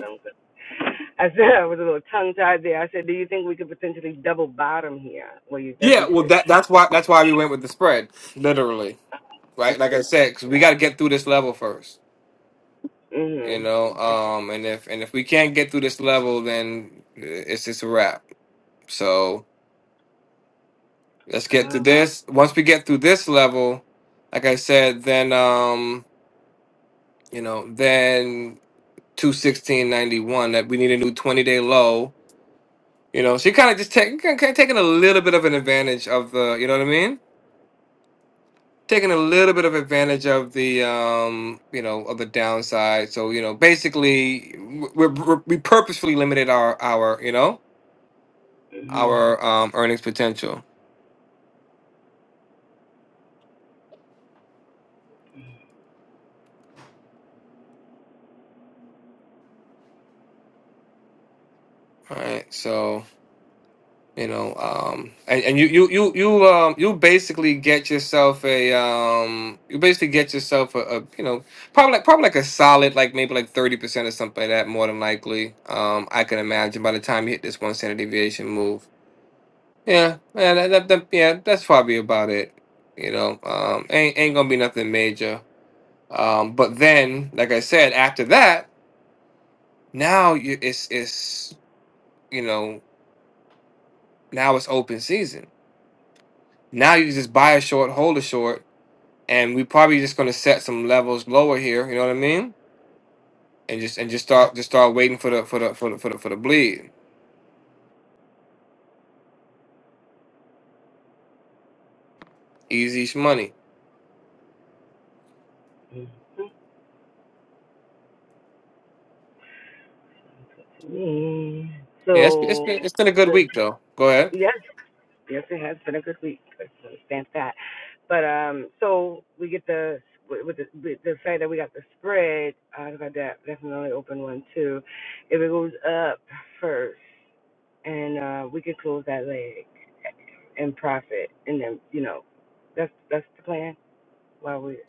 Yeah, well, that that's why that's why we went with the spread, literally. Right, like I said, 'cause we got to get through this level first, you know. Um, and if and if we can't get through this level, then it's just a wrap. So let's get to this. Once we get through this level, like I said, then um, you know, then two sixteen ninety one that we need a new twenty day low. You know, so you kind of just take kind of taking a little bit of an advantage of the, you know what I mean? taking a little bit of advantage of the um you know of the downside so you know basically w- we're, we're, we purposefully limited our our you know our um earnings potential all right so you know um and, and you you you you um you basically get yourself a um you basically get yourself a, a you know probably like probably like a solid like maybe like 30% or something like that more than likely um i can imagine by the time you hit this one standard deviation move Yeah, yeah, that, that, that yeah, that's probably about it. You know, um, ain't ain't gonna be nothing major. Um, but then, like I said, after that, now you it's it's you know now it's open season. Now you just buy a short, hold a short, and we probably just gonna set some levels lower here. You know what I mean? And just and just start just start waiting for the for the for the for the, for the bleed. Easy money. Yeah, it's, it's been it's been a good week though. Go ahead.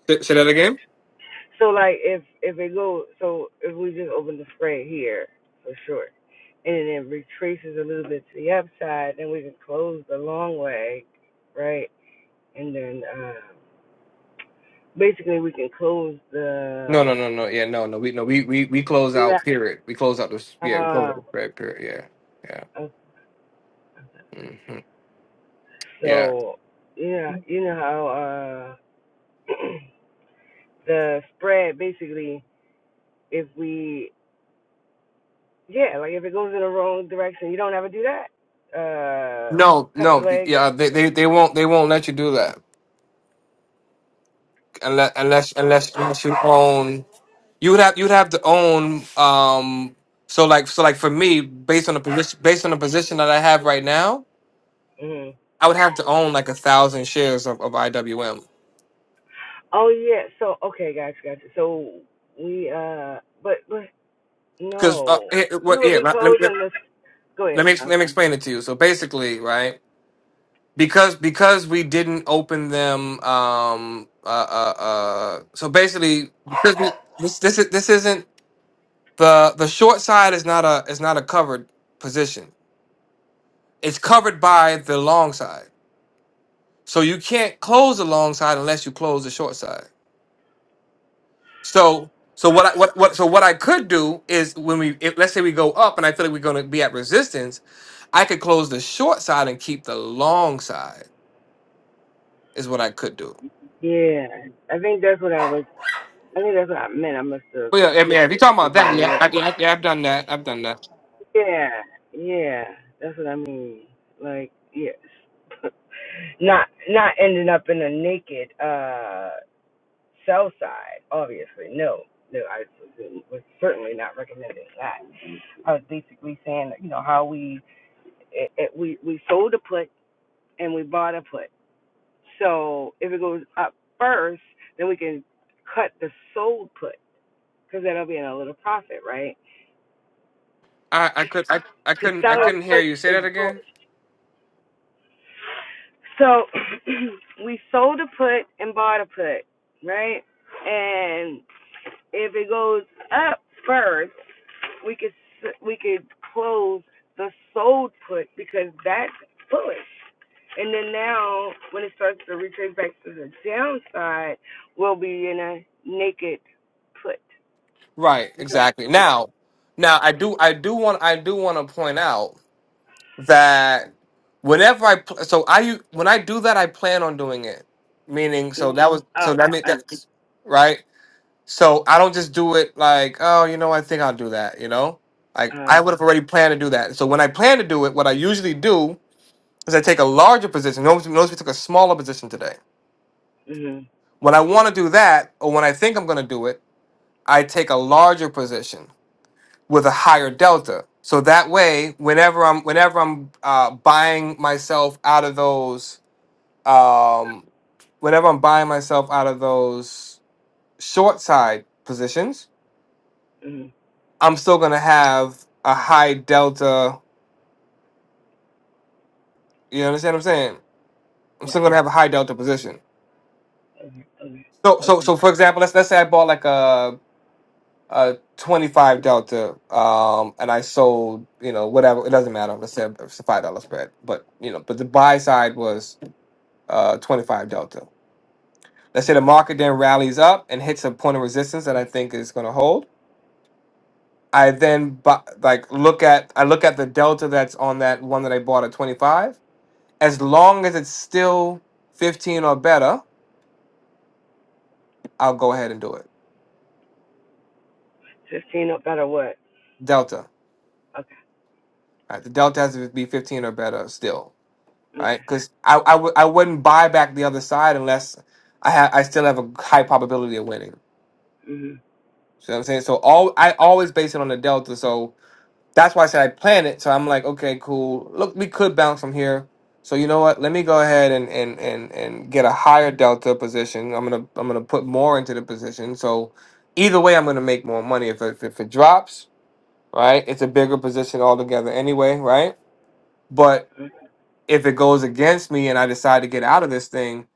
Say, say that again. No, no, no, no. Yeah, no, no. We no, we we we close out. Period. We close out this. Yeah, we close out the spread. Period. Yeah, yeah, hmm yeah. No, no. th- Yeah, they, they they won't they won't let you do that unless unless unless unless you own. You would have you would have to own. Um. So like so like for me, based on the position based on the position that I have right now, I would have to own like a thousand shares of, of IWM. Because uh, here- what- yeah, let, let, let me ex- let me explain it to you. So basically, right. because because we didn't open them um uh uh, uh so basically because we, this this is this isn't the the short side is not a is not a covered position it's covered by the long side so you can't close the long side unless you close the short side so so what I, what what so what I could do is when we if, let's say we go up and I feel like we're going to be at resistance I could close the short side and keep the long side is what I could do But yeah, I mean, if you're talking about that, yeah, I, yeah, I- yeah, I've done that. I've done that. I, I could, I, I couldn't, I couldn't hear you say that again. Right, exactly. Now, now I do, I do want, I do want to point out that whenever I, pl- so I, u- when I do that, I plan on doing it. Meaning, so that was, so that means that, right? So I don't just do it like, oh, you know, I think I'll do that. You know, like I would have already planned to do that. So when I plan to do it, what I usually do is I take a larger position. Notice, notice we took a smaller position today When I want to do that, or when I think I'm going to do it, I take a larger position with a higher delta. So that way, whenever I'm whenever I'm uh, buying myself out of those, um, whenever I'm buying myself out of those short side positions, I'm still going to have a high delta. You understand what I'm saying? I'm still going to have a high delta position. So so so for example, let's let's say I bought like a uh 25 delta um and i sold you know whatever it doesn't matter let's say it's a five dollar spread but you know but the buy side was uh 25 delta let's say the market then rallies up and hits a point of resistance that i think is going to hold i then bu- like look at i look at the delta that's on that one that i bought at 25 as long as it's still 15 or better i'll go ahead and do it delta right the delta has to be 15 or better still right? Because I I w- I wouldn't buy back the other side unless I ha- I still have a high probability of winning. So I'm saying so all I always base it on the delta. So that's why I said I plan it. So I'm like, okay, cool. Look, we could bounce from here. So you know what? Let me go ahead and and and and get a higher delta position. I'm gonna I'm gonna put more into the position. So either way, I'm gonna make more money. If it, if it drops, right? It's a bigger position altogether anyway, right? But if it goes against me and I decide to get out of this thing,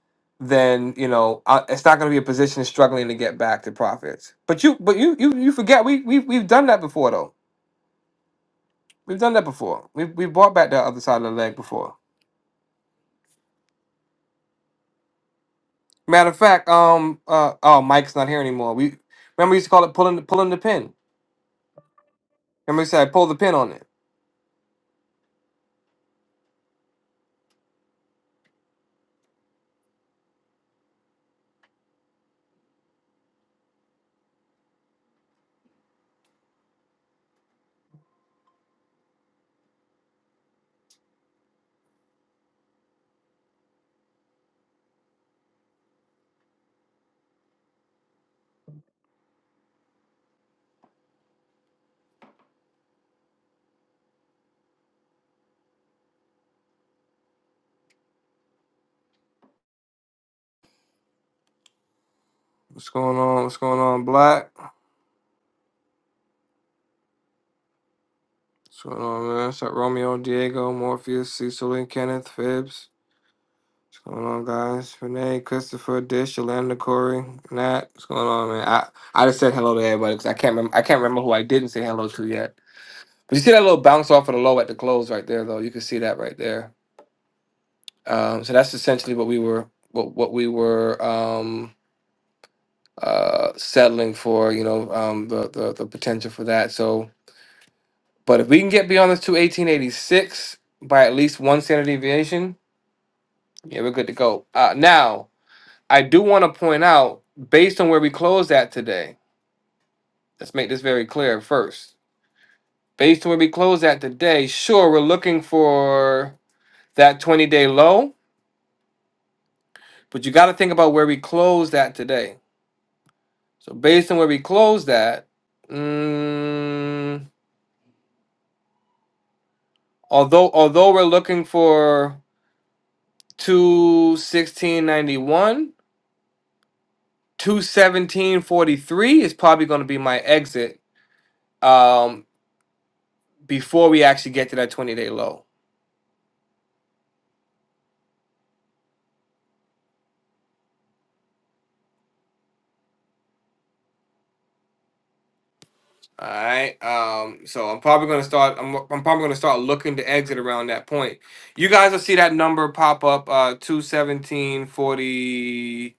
then you know I, it's not going to be a position struggling to get back to profits. But you, but you, you, you forget we we we've done that before though. We've done that before. We we bought back the other side of the leg before. Matter of fact, um, uh, oh, Mike's not here anymore. We remember we used to call it pulling the pulling the pin. Remember we said pull the pin on it. What's going on? What's going on, Black? What's going on, man? It's like Romeo, Diego, Morpheus, Cecily, Kenneth, Phibbs. What's going on, guys? Renee, Christopher, Dish, Yolanda, Corey, Nat. What's going on, man? I, I just said hello to everybody because I can't remember. I can't remember who I didn't say hello to yet. But you see that little bounce off of the low at the close right there, though. You can see that right there. Um, so that's essentially what we were what what we were um, uh, settling for. You know, um, the, the the potential for that. So, but if we can get beyond this to eighteen eighty six by at least one standard deviation, yeah, we're good to go. Uh, now. I do want to point out, based on where we closed at today, let's make this very clear first. Based on where we closed at today, sure, we're looking for that 20 day low, but you got to think about where we closed at today. So, based on where we closed at, mm, although although we're looking for 216.91, 217.43 is probably going to be my exit um, before we actually get to that 20 day low. All right. Um, so I'm probably gonna start. I'm, I'm probably gonna start looking to exit around that point. You guys will see that number pop up. Uh, two seventeen forty.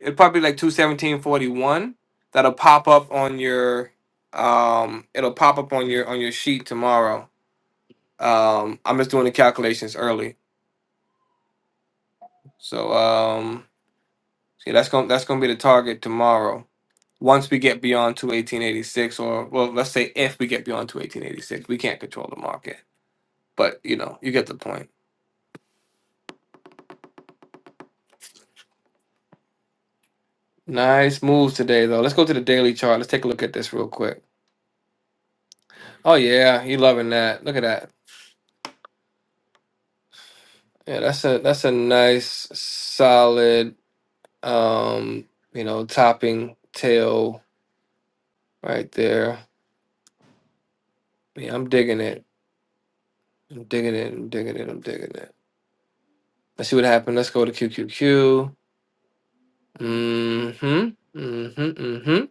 It'll probably be like two seventeen forty one. That'll pop up on your. Um, it'll pop up on your on your sheet tomorrow. Um, I'm just doing the calculations early. So um, see that's gonna that's gonna be the target tomorrow. Once we get beyond two eighteen eighty six, or well, let's say if we get beyond two eighteen eighty six, we can't control the market. But you know, you get the point. Nice moves today, though. Let's go to the daily chart. Let's take a look at this real quick. Oh yeah, you loving that? Look at that. Yeah, that's a that's a nice solid, um, you know, topping tail right there. Yeah, I'm digging it. I'm digging it. I'm digging it. I'm digging it. Let's see what happened. Let's go to QQQ. Mm-hmm. Mm-hmm. Mm hmm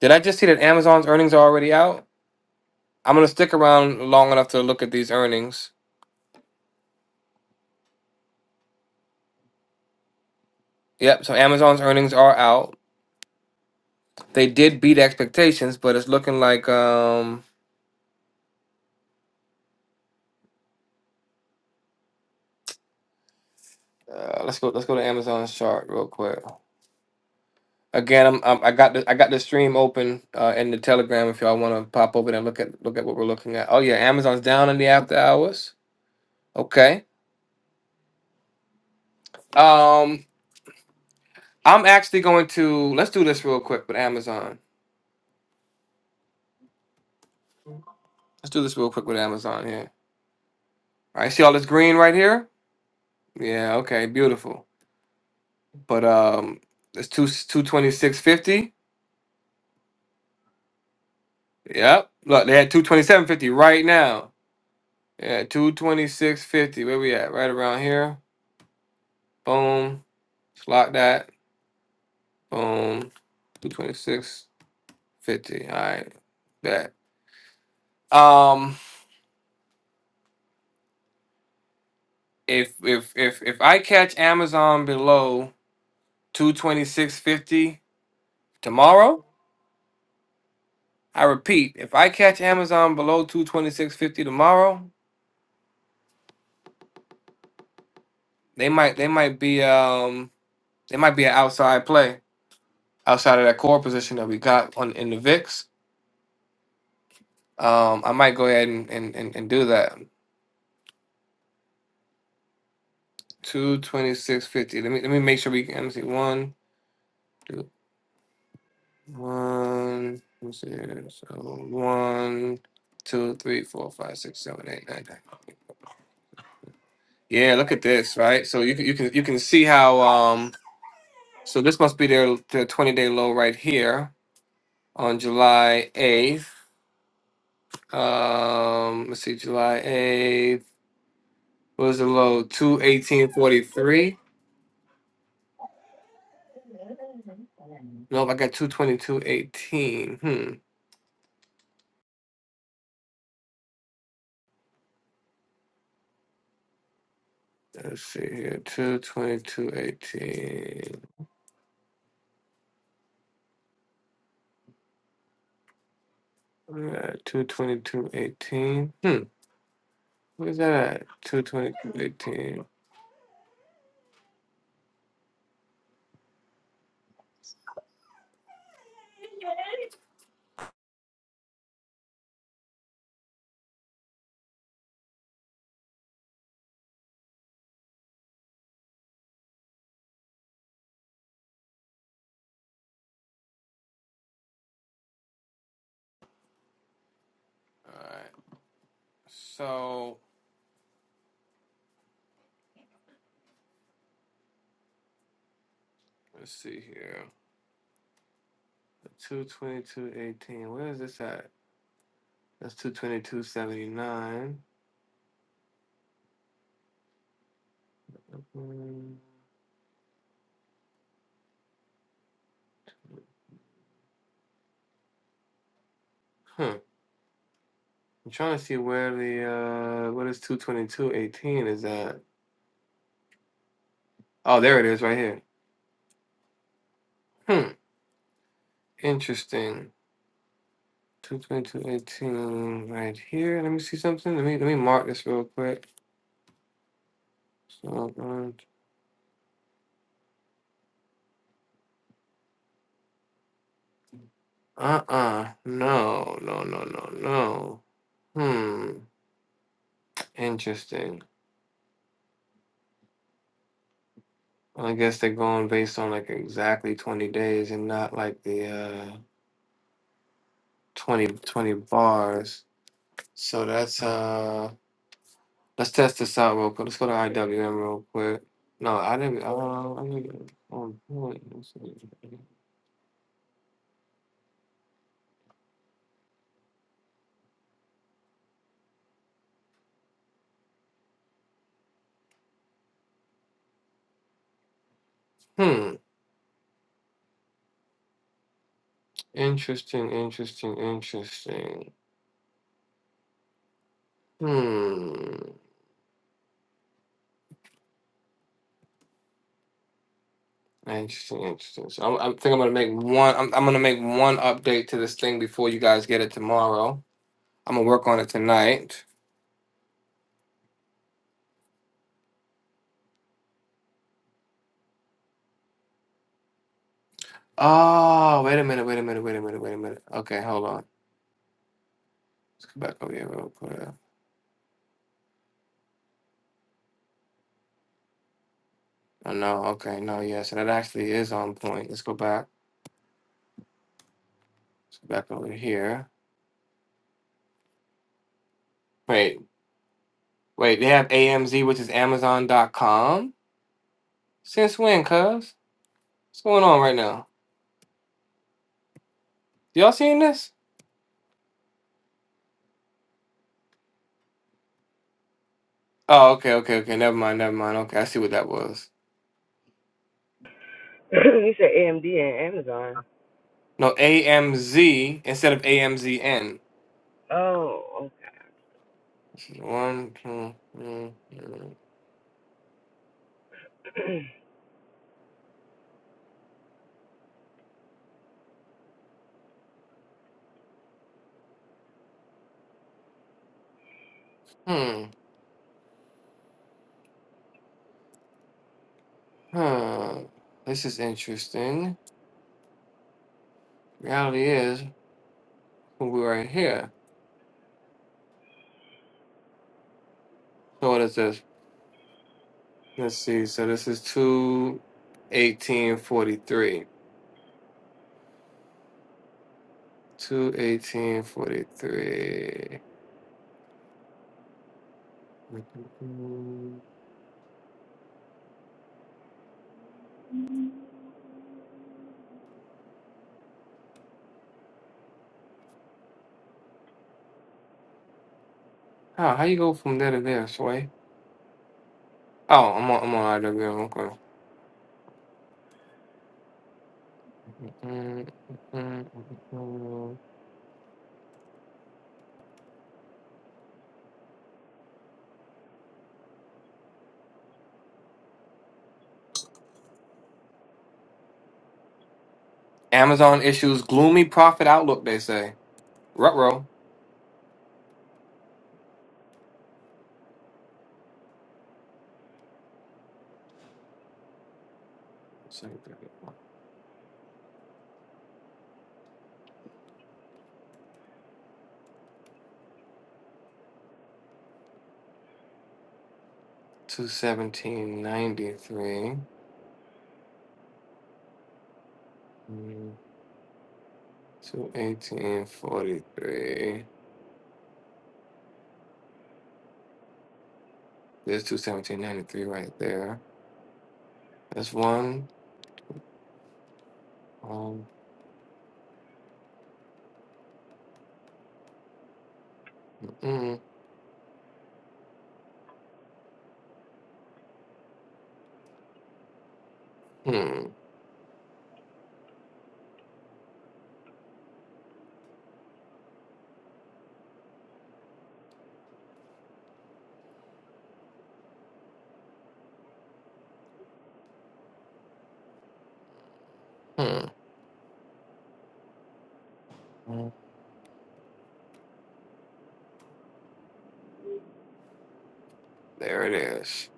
Did I just see that Amazon's earnings are already out? I'm gonna stick around long enough to look at these earnings. Yep. So Amazon's earnings are out. They did beat expectations, but it's looking like um. Uh, let's go. Let's go to Amazon's chart real quick. Again, I'm, I'm I got the I got the stream open uh, in the Telegram. If y'all want to pop over there and look at look at what we're looking at. Oh yeah, Amazon's down in the after hours. Okay. Um, I'm actually going to let's do this real quick with Amazon. Let's do this real quick with Amazon here. All right. See all this green right here? Yeah. Okay. Beautiful. But um, it's two two twenty six fifty. Yep. Look, they had 227.50 right now. Yeah, 226.50. Where we at? Right around here. Boom. Just lock that. Boom. 226.50. All right. Bet. Um if if if if I catch Amazon below 226.50 tomorrow, I repeat, if I catch Amazon below 226.50 tomorrow, they might they might be um they might be an outside play outside of that core position that we got on in the VIX. Um, I might go ahead and and and, and do that. Two twenty six fifty. Let me let me make sure we can. Let me see. One, two, one. Let me see. here. So one, two, three, four, five, six, seven, eight, nine, ten. Yeah, look at this, right? So you can you can you can see how. Um, so this must be their their twenty day low right here on July eighth. Um, let's see, July eighth. What was the low? Two eighteen forty three. Nope, I got two twenty two eighteen. Hmm. Let's see here. 22218. Uh, 22218. Hmm. Where's that at? 22218. Alright. So, let's see here. 22218. Where is this at? That's 22279. Hmm. Huh. I'm trying to see where the, uh, what is 22218 is at? Oh, there it is right here. Hmm. Interesting. Two twenty two eighteen um, right here. Let me see something. Let me let me mark this real quick. So uh uh no no no no no. Hmm. Interesting. Well, I guess they're going based on like exactly twenty days and not like the uh 20 20 bars. So that's uh let's test this out real quick. Let's go to IWM real quick. No, I didn't. Uh, I didn't. Oh, boy. hmm. Interesting, interesting, interesting. Hmm. Interesting, interesting. So I'm, I think I'm gonna make one. I'm, I'm gonna make one update to this thing before you guys get it tomorrow. I'm gonna work on it tonight. Oh, wait a minute, wait a minute, wait a minute, wait a minute. Okay, hold on. Let's go back over here real quick. Oh no, okay, no, yeah. So that actually is on point. Let's go back. Let's go back over here. Wait, wait. They have AMZ, which is Amazon.com. Since when, Cuz? What's going on right now? Y'all seeing this? Oh, okay, okay, okay. Never mind, never mind. Okay, I see what that was. No, AMZ instead of AMZN. This is One, two, three, four. Hmm, huh. This is interesting. Reality is we're right here. So what is this? Let's see. So this is two eighteen forty three. Two eighteen forty three. How how you go from there to there, Sway? Oh, I'm on I'm on IWM. Amazon issues gloomy profit outlook, they say. Ruh-roh. 217.93. Mm, 218.43. There's 217.93 right there. That's one. Um, mm, mm, mm, mm. There it is.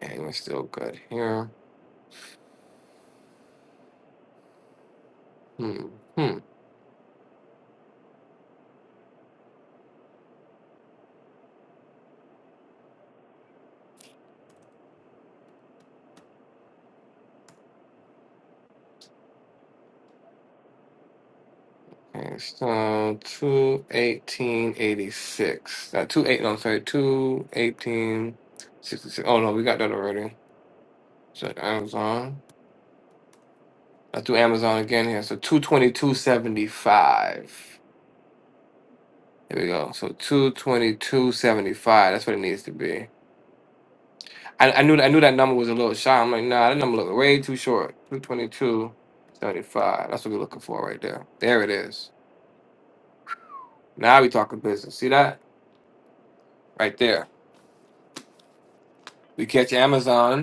And we're still good here. Hmm. hmm. Okay, so two eighteen eighty six. Uh, two eight. No, I'm sorry, two eighteen sixty six. Oh no, we got that already. So Amazon. I threw Amazon again here. So two twenty two seventy five. There we go. So two twenty two seventy five. That's what it needs to be. I, I knew I knew that number was a little shy. I'm like, nah, that number look way too short. Two twenty two seventy five. That's what we're looking for right there. There it is. Now we talking business. See that right there. We catch Amazon.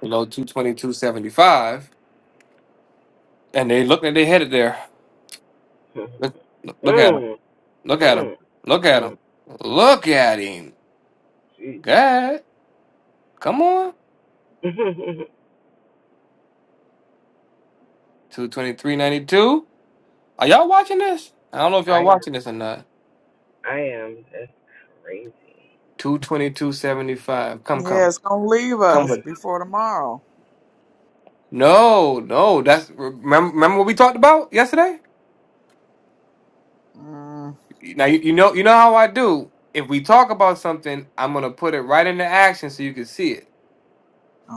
below 222.75, and they look like they headed there. Look, look, look at him. Look at him. Look at him. Look at him. God, come on. 223.92. Are y'all watching this? I don't know if y'all watching this or not. 222.75. Come,
Yeah,
come.
it's gonna leave
Come
us
with it.
before tomorrow.
No, no. That's remember, remember what we talked about yesterday?
Mm,
Now you, you know you know how I do. If we talk about something, I'm gonna put it right into action so you can see it.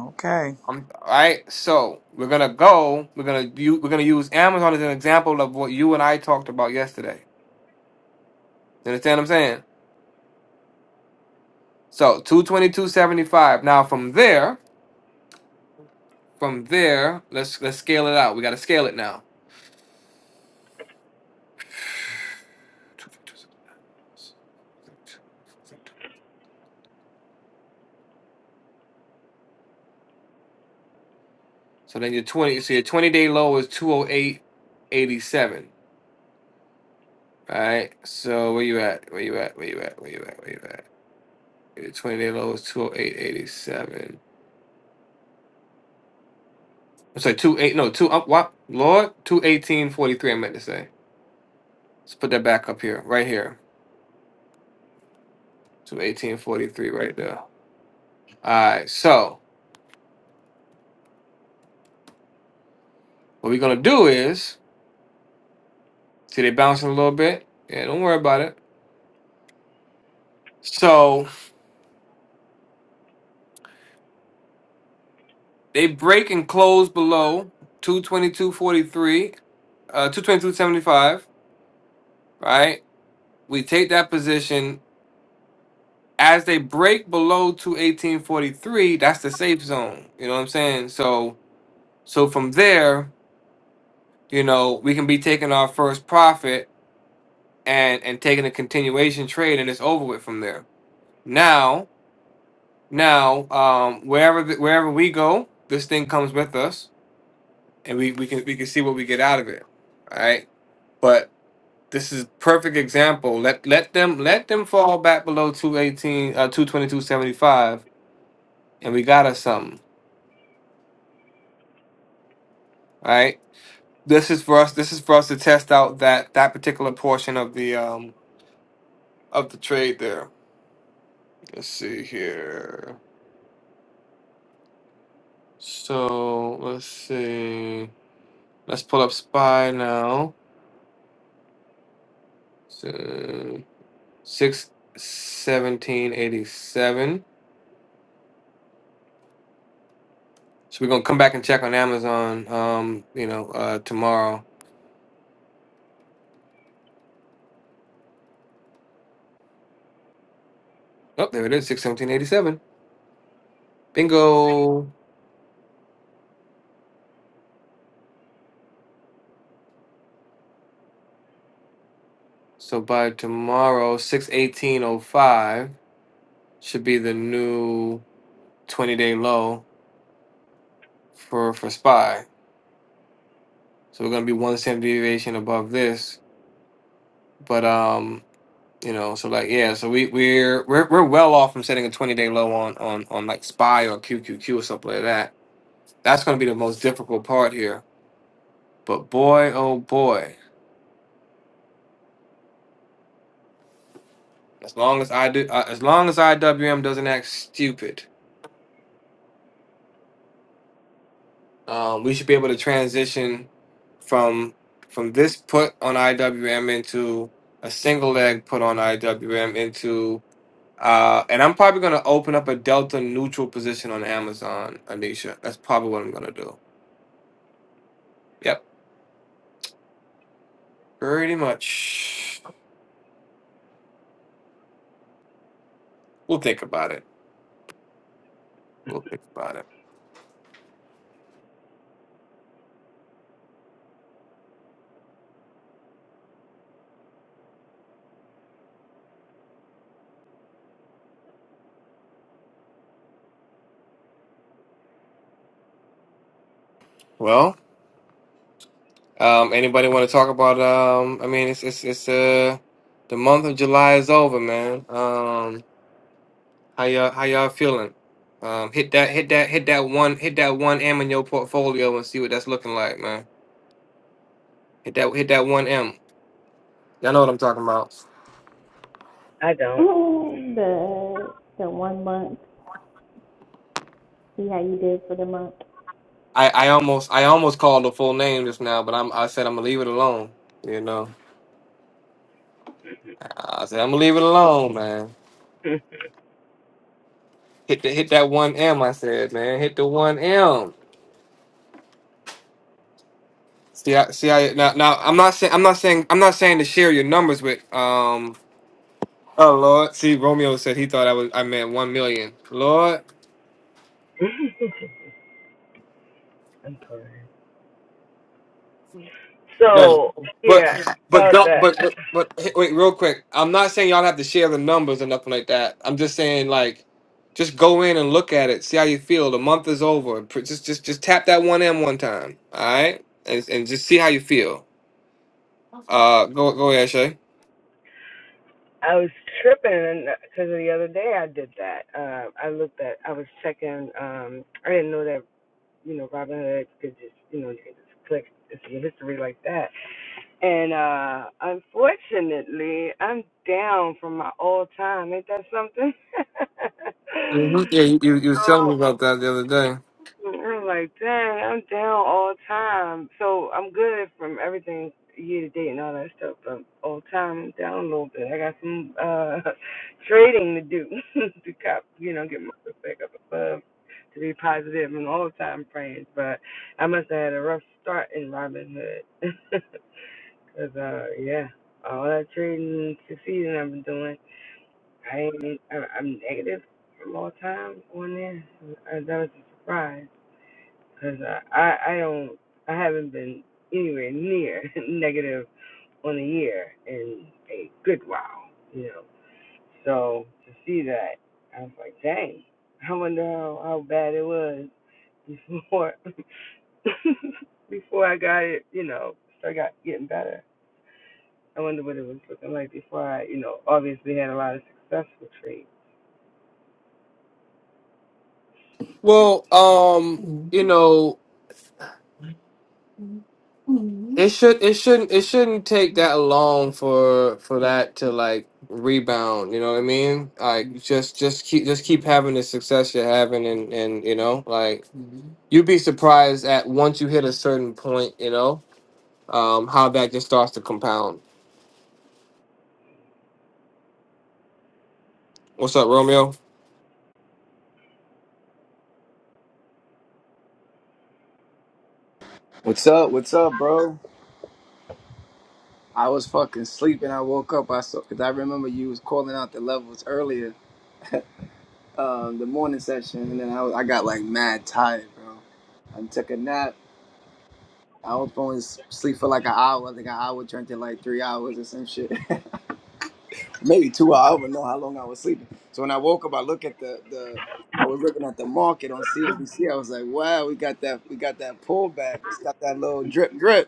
okay.
I'm all right. So we're gonna go. We're gonna u- we're gonna use Amazon as an example of what you and I talked about yesterday. You understand what I'm saying? So two twenty two seventy five. Now from there, from there, let's let's scale it out. We gotta scale it now. So then your twenty. So your twenty day low is two oh eight eighty seven. All right. So where you at? Where you at? Where you at? Where you at? Where you at? Your twenty day low is two oh eight eighty seven. I'm sorry, two eight no two up what Lord two eighteen forty three. I meant to say. Let's put that back up here, right here, two eighteen forty three, right there. All right. So what we're gonna do is see they bouncing a little bit. Yeah, don't worry about it. So they break and close below two twenty two forty three, uh, two twenty two seventy five. Right. We take that position as they break below two eighteen forty three. That's the safe zone. You know what I'm saying? So so from there. you know, we can be taking our first profit and and taking a continuation trade, and it's over with from there. Now, now, um, wherever the, wherever we go, this thing comes with us, and we we can we can see what we get out of it. All right, but this is perfect example. Let let them let them fall back below two eighteen, uh, two twenty two seventy five, and we got us something. All right. This is for us. This is for us to test out that that particular portion of the um of the trade there. Let's see here. So let's see. Let's pull up Spy now. So, six seventeen eighty seven. So we're gonna come back and check on Amazon. Um, you know, uh, tomorrow. Oh, there it is. Six seventeen eighty seven. Bingo. So by tomorrow, six eighteen oh five should be the new twenty day low for for Spy. So we're gonna be one standard deviation above this. But um. You know, so like yeah, so we we're we're we're well off from setting a twenty day low on on on like SPY or QQQ or something like that. That's going to be the most difficult part here. But boy, oh boy, as long as I do, uh, as long as IWM doesn't act stupid, um, we should be able to transition from from this put on IWM into a single leg put on IWM into. Uh, and I'm probably gonna open up a delta neutral position on Amazon, Anisha. That's probably what I'm gonna do. Yep. Pretty much. We'll think about it. We'll think about it. Well, um, anybody want to talk about? Um, I mean, it's it's it's uh, the month of July is over, man. Um, how y'all how y'all feeling? Um, hit that hit that hit that one hit that one M in your portfolio and see what that's looking like, man. Hit that hit that one M. Y'all know what I'm talking about.
the the one month for the month.
I, I almost I almost called the full name just now, but I'm I said I'm gonna leave it alone. You know, I said I'm gonna leave it alone, man. Hit the, hit that one M. I said, man, hit the one M. See, I, see, I now, now I'm not saying I'm not saying I'm not saying to share your numbers with um. Oh Lord, see, Romeo said he thought I was I meant one million. Lord, no, but but don't but but, but hey, wait, real quick. I'm not saying y'all have to share the numbers or nothing like that. I'm just saying like. Just go in and look at it. See how you feel. The month is over. Pr- Just, just, just tap that one M one time. All right, and, and just see how you feel. Uh, go, go ahead, Shay. hmm Yeah, you, you you was telling me about that the other day. Well, um, Mhm. you know, it should it shouldn't it shouldn't take that long for for that to like rebound, you know what I mean? Like just just keep just keep having the success you're having and and you know, like you'd be surprised at once you hit a certain point, you know, um how that just starts to compound. What's up, Romeo?
What's up? What's up, bro? I was fucking sleeping. I woke up. I saw because I remember you was calling out the levels earlier, um, the morning session, and then I, was, I got like mad tired, bro. I took a nap. I was going to sleep for like an hour. I think an hour turned to like three hours or some shit, maybe two hours. I don't know how long I was sleeping. So when I woke up, I look at the the. I was looking at the market on CNBC. I was like, "Wow, we got that. We got that pullback. It's got that little drip, drip."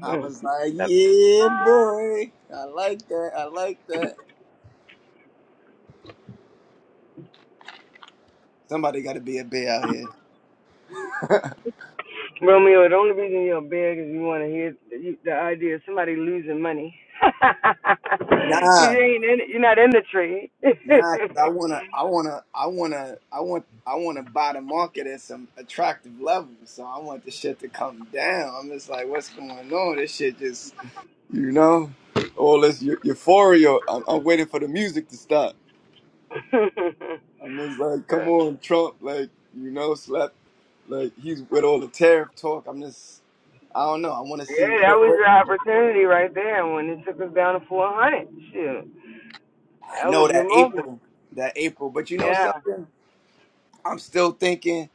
I was like, yeah, boy. I like that. I like that. Somebody got to be a bear out here. Nah, nah. 'cause I wanna, I wanna, I wanna, I want, I wanna buy the market at some attractive level. So I want the shit to come down. I'm just like, what's going on? This shit just, you know, all this eu- euphoria. I'm, I'm waiting for the music to stop. I'm just like, come on, Trump. Like, you know, slap. Like he's with all the tariff talk. I'm just, I don't know. I want to see what, what. I know that April, that April. But you know something? I'm still thinking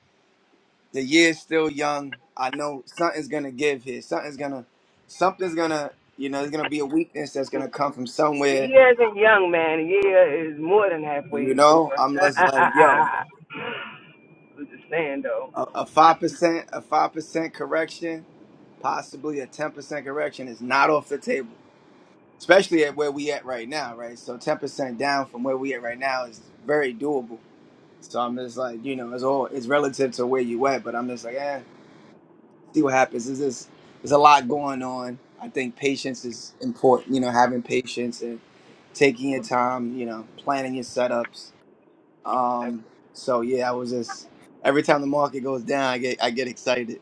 the year's still young. I know something's gonna give here. Something's gonna, something's gonna, you know, there's gonna be a weakness that's gonna come from somewhere. You know, I'm just like, yo, a five percent, a five percent correction, possibly a ten percent correction is not off the table. Especially at where we at right now, right? So ten percent down from where we at right now is very doable. So I'm just like, you know, it's all it's relative to where you at, but I'm just like, eh. see what happens. There's this, there's a lot going on. I think patience is important. You know, having patience and taking your time. You know, planning your setups. Um, so yeah, I was just every time the market goes down, I get I get excited.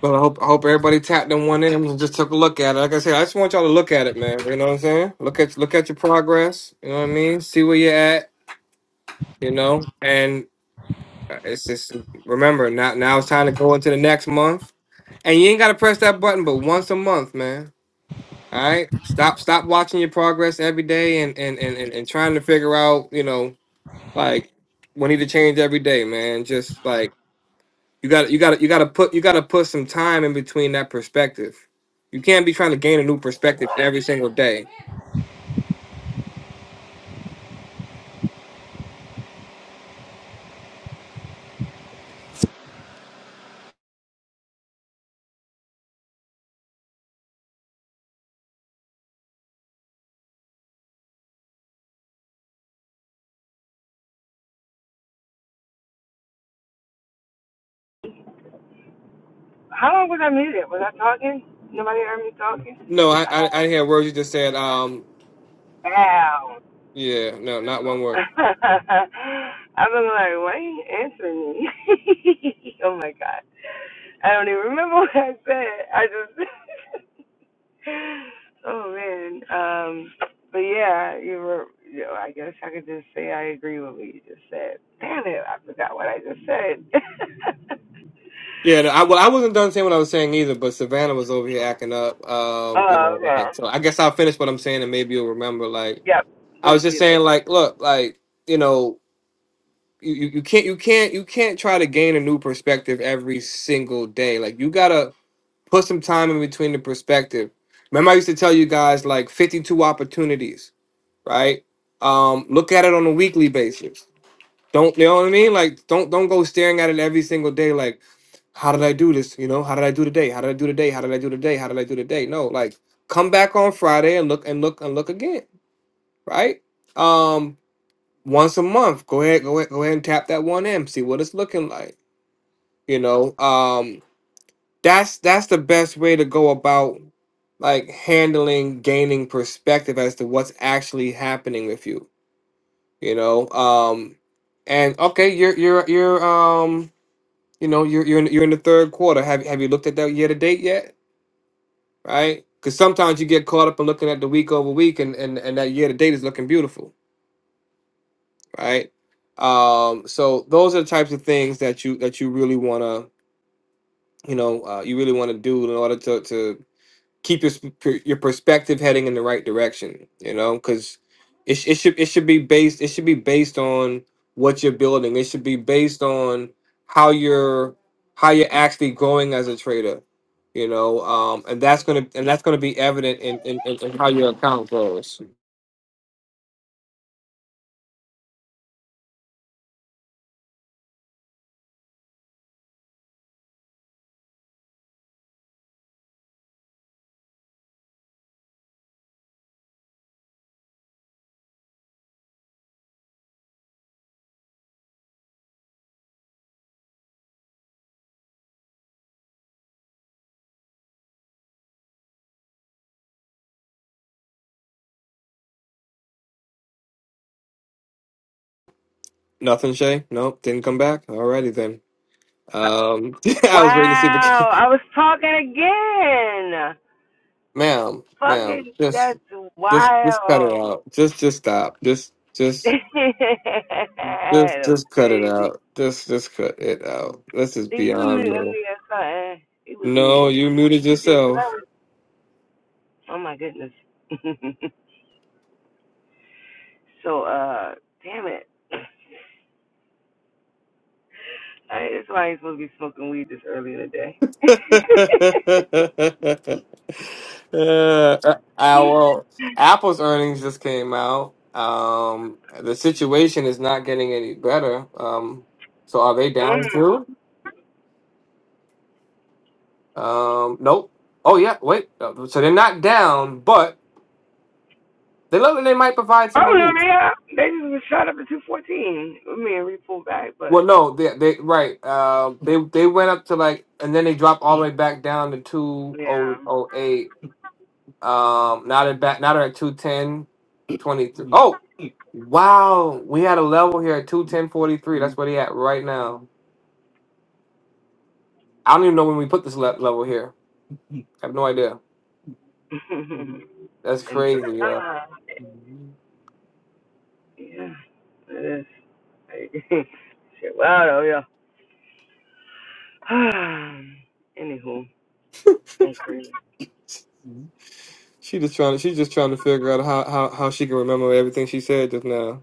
But I hope I hope everybody tapped on one of them and just took a look at it. Like I said, I just want y'all to look at it, man. You know what I'm saying? Look at look at your progress. You know what I mean? See where you're at. You know, and uh, it's just remember now. Now it's time to go into the next month, and you ain't got to press that button, but once a month, man. All right, stop stop watching your progress every day and and and and, and trying to figure out. You know, like we need to change every day, man. Just like You got to you got to you got to put you got to put some time in between that perspective. You can't be trying to gain a new perspective every single day. No, I I, I didn't hear words you just said. Um, yeah, no, not one word. Yeah, no, I well, I wasn't done saying what I was saying either, but Savannah was over here acting up. Um, you know, like so. I guess I'll finish what I'm saying, and maybe you'll remember. Like I was just saying, like look, like you know. You, you you can't you can't you can't try to gain a new perspective every single day. Like you gotta Put some time in between the perspective. Remember, I used to tell you guys like 52 opportunities, right? Um, look at it on a weekly basis. Don't you know what I mean? Like, don't don't go staring at it every single day. Like, how did I do this? You know, how did I do today? How did I do today? How did I do today? How did I do today? No, like, come back on Friday and look and look and look again, right? Um, once a month, go ahead, go ahead, go ahead and tap that one M. See what it's looking like. You know, um, that's that's the best way to go about like handling gaining perspective as to what's actually happening with you you know um and okay you're you're you're um you know you're you're in, you're in the third quarter have have you looked at that year to date yet right because sometimes you get caught up in looking at the week over week and and, and that year to date is looking beautiful right um so those are the types of things that you that you really want to you know uh, you really want to do in order to to keep your sp- your perspective heading in the right direction. You know, because it, sh- it should it should be based it should be based on what you're building. It should be based on how you're how you're actually growing as a trader. You know, um, and that's gonna and that's gonna be evident in in, in, in how you're nothing. Shay, nope, didn't come back. Alrighty then. Um, I was waiting to see if it came. ma'am, ma'am, just just just cut it out. Just just stop. Just just Just just cut it out. Just just cut it out. This is beyond me. No, you muted yourself. uh, our Apple's earnings just came out. Um, the situation is not getting any better. Um, so are they down too? Um, nope. Oh yeah, wait. No, So they're not down, but they look like they might provide some relief. Well, no, they they right. Um, they they went up to like, and then they dropped all the way back down to two oh oh eight. Um, now they're back. Now they're at two ten twenty three. Oh, wow! We had a level here at two ten forty three. That's where they at right now. I don't even know when we put this le- level here. I have no idea. That's crazy, yo. She just trying. to She's just trying to figure out how, how how she can remember everything she said just now.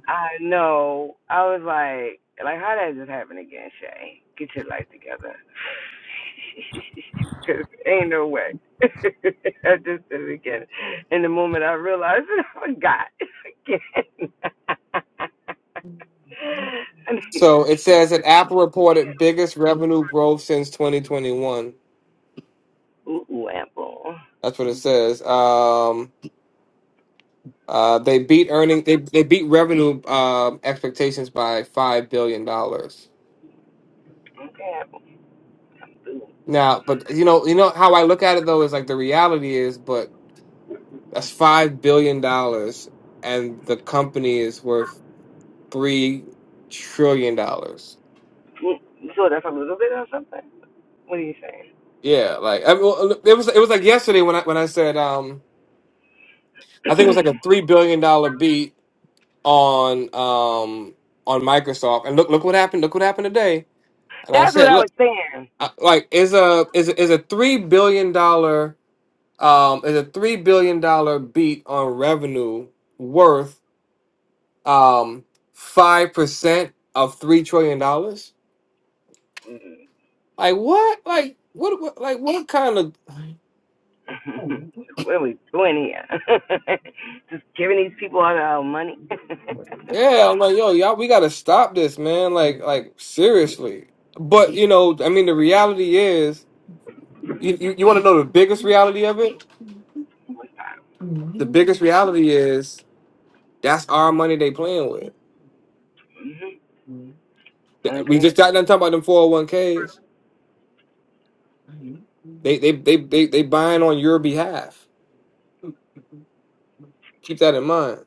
So it says that Apple reported biggest revenue growth since 2021. That's what it says. Um, uh, they beat earning they they beat revenue um expectations by five billion dollars. Now, but you know you know how I look at it though is like the reality is, but that's five billion dollars, and the company is worth three trillion dollars. Yeah, like I mean, well, it was it was like yesterday when I when I said um I think it was like a three billion dollar beat on um on Microsoft, and look look what happened look what happened today. And I said, I- like is a is a, is a three billion dollar um is a three billion dollar beat on revenue worth um five percent of three trillion dollars? Like what? Like what, what? Like what kind of? Yeah, I'm like yo, y'all, we gotta stop this, man. Like like seriously. But you know, I mean, the reality is, you you, you want to know the biggest reality of it? the biggest reality is that's our money they playing with. That- We just got done talking about them 401ks. They they they they they buying on your behalf. Keep that in mind.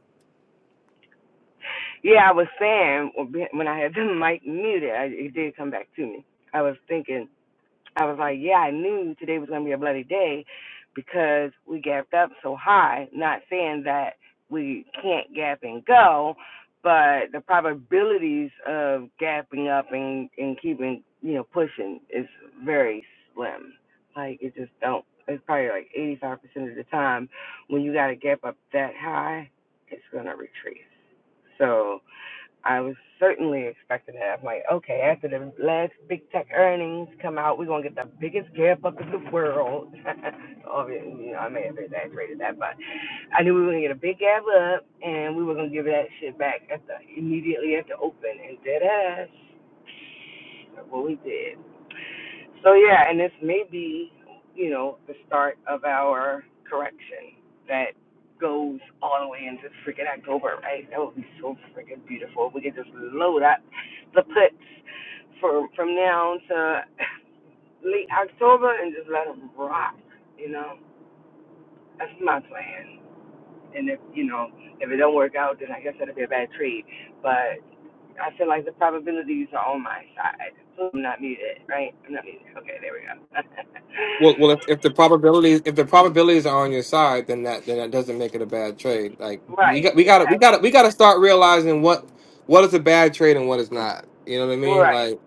Well, well, if, if the probabilities if the probabilities are on your side, then that then that doesn't make it a bad trade. Like we got we got to we got to we got to start realizing what what is a bad trade and what is not. You know what I mean? Like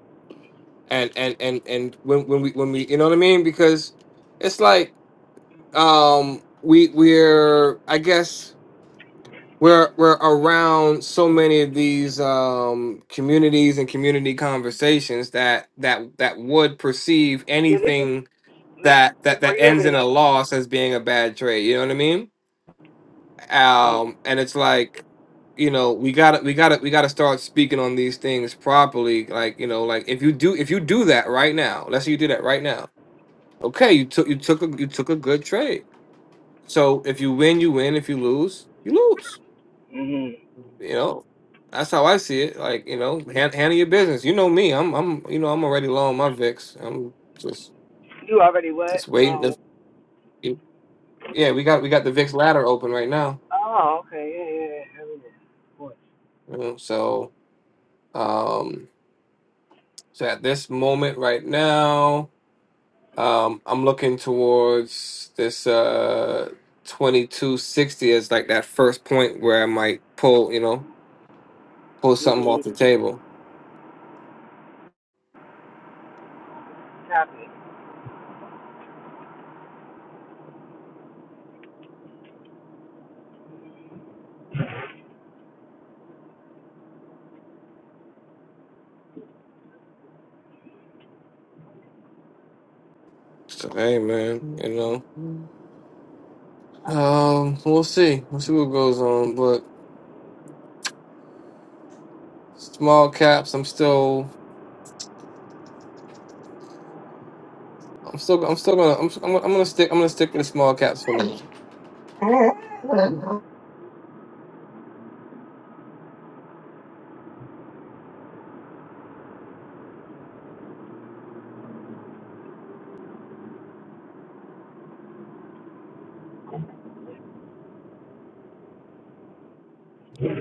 and and and and when when we when we you know what I mean because it's like um we we're I guess we're we're around so many of these um communities and community conversations that that that would perceive anything that that that ends in a loss as being a bad trade you know what i mean um and it's like you know we gotta we gotta we gotta start speaking on these things properly like you know like if you do if you do that right now let's say you do that right now okay you took you took a you took a good trade so if you win you win if you lose you lose You know, that's how I see it. Like, you know, hand, handle your business. You know me. I'm, I'm, you know, I'm already low on my VIX. I'm just, just waiting. To, yeah, we got, we got the VIX ladder open right now. You know, so, um, so at this moment right now, um, I'm looking towards this uh 2260 as like that first point where I might pull, you know, pull something off the table. So hey, man, you know, um, we'll see, we'll see what goes on, Small caps. I'm still. I'm still. I'm still gonna. I'm. I'm, I'm gonna stick. I'm gonna stick with the small caps for now.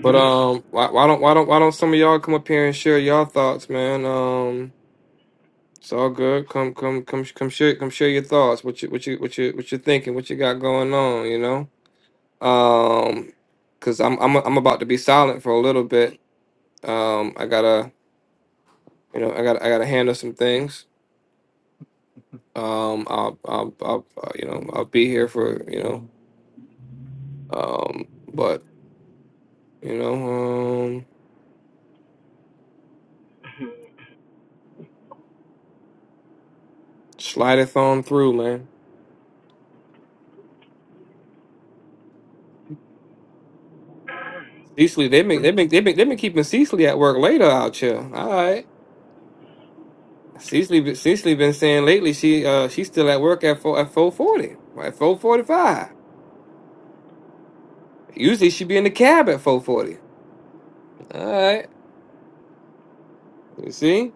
But um, why, why don't why don't why don't some of y'all come up here and share y'all thoughts, man? Um, it's all good. Come come come come share come share your thoughts. What you what you what you what you thinking? What you got going on? You know. Um, cause I'm I'm I'm about to be silent for a little bit. Um, I gotta you know I gotta I gotta handle some things. Um, I'll I'll, I'll uh, you know I'll be here for you know um, but. You know, um, slideth on through, man. Cecily, they been they been they been they been keeping Cecily at work later out here. All right, Cecily been- Cecily been saying lately she uh she's still at work at four at four forty at four forty five. Usually she be in the cab at four forty. All right, you see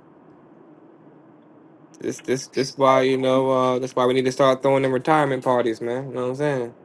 this this this why you know uh that's why we need to start throwing them retirement parties, man. You know what I'm saying?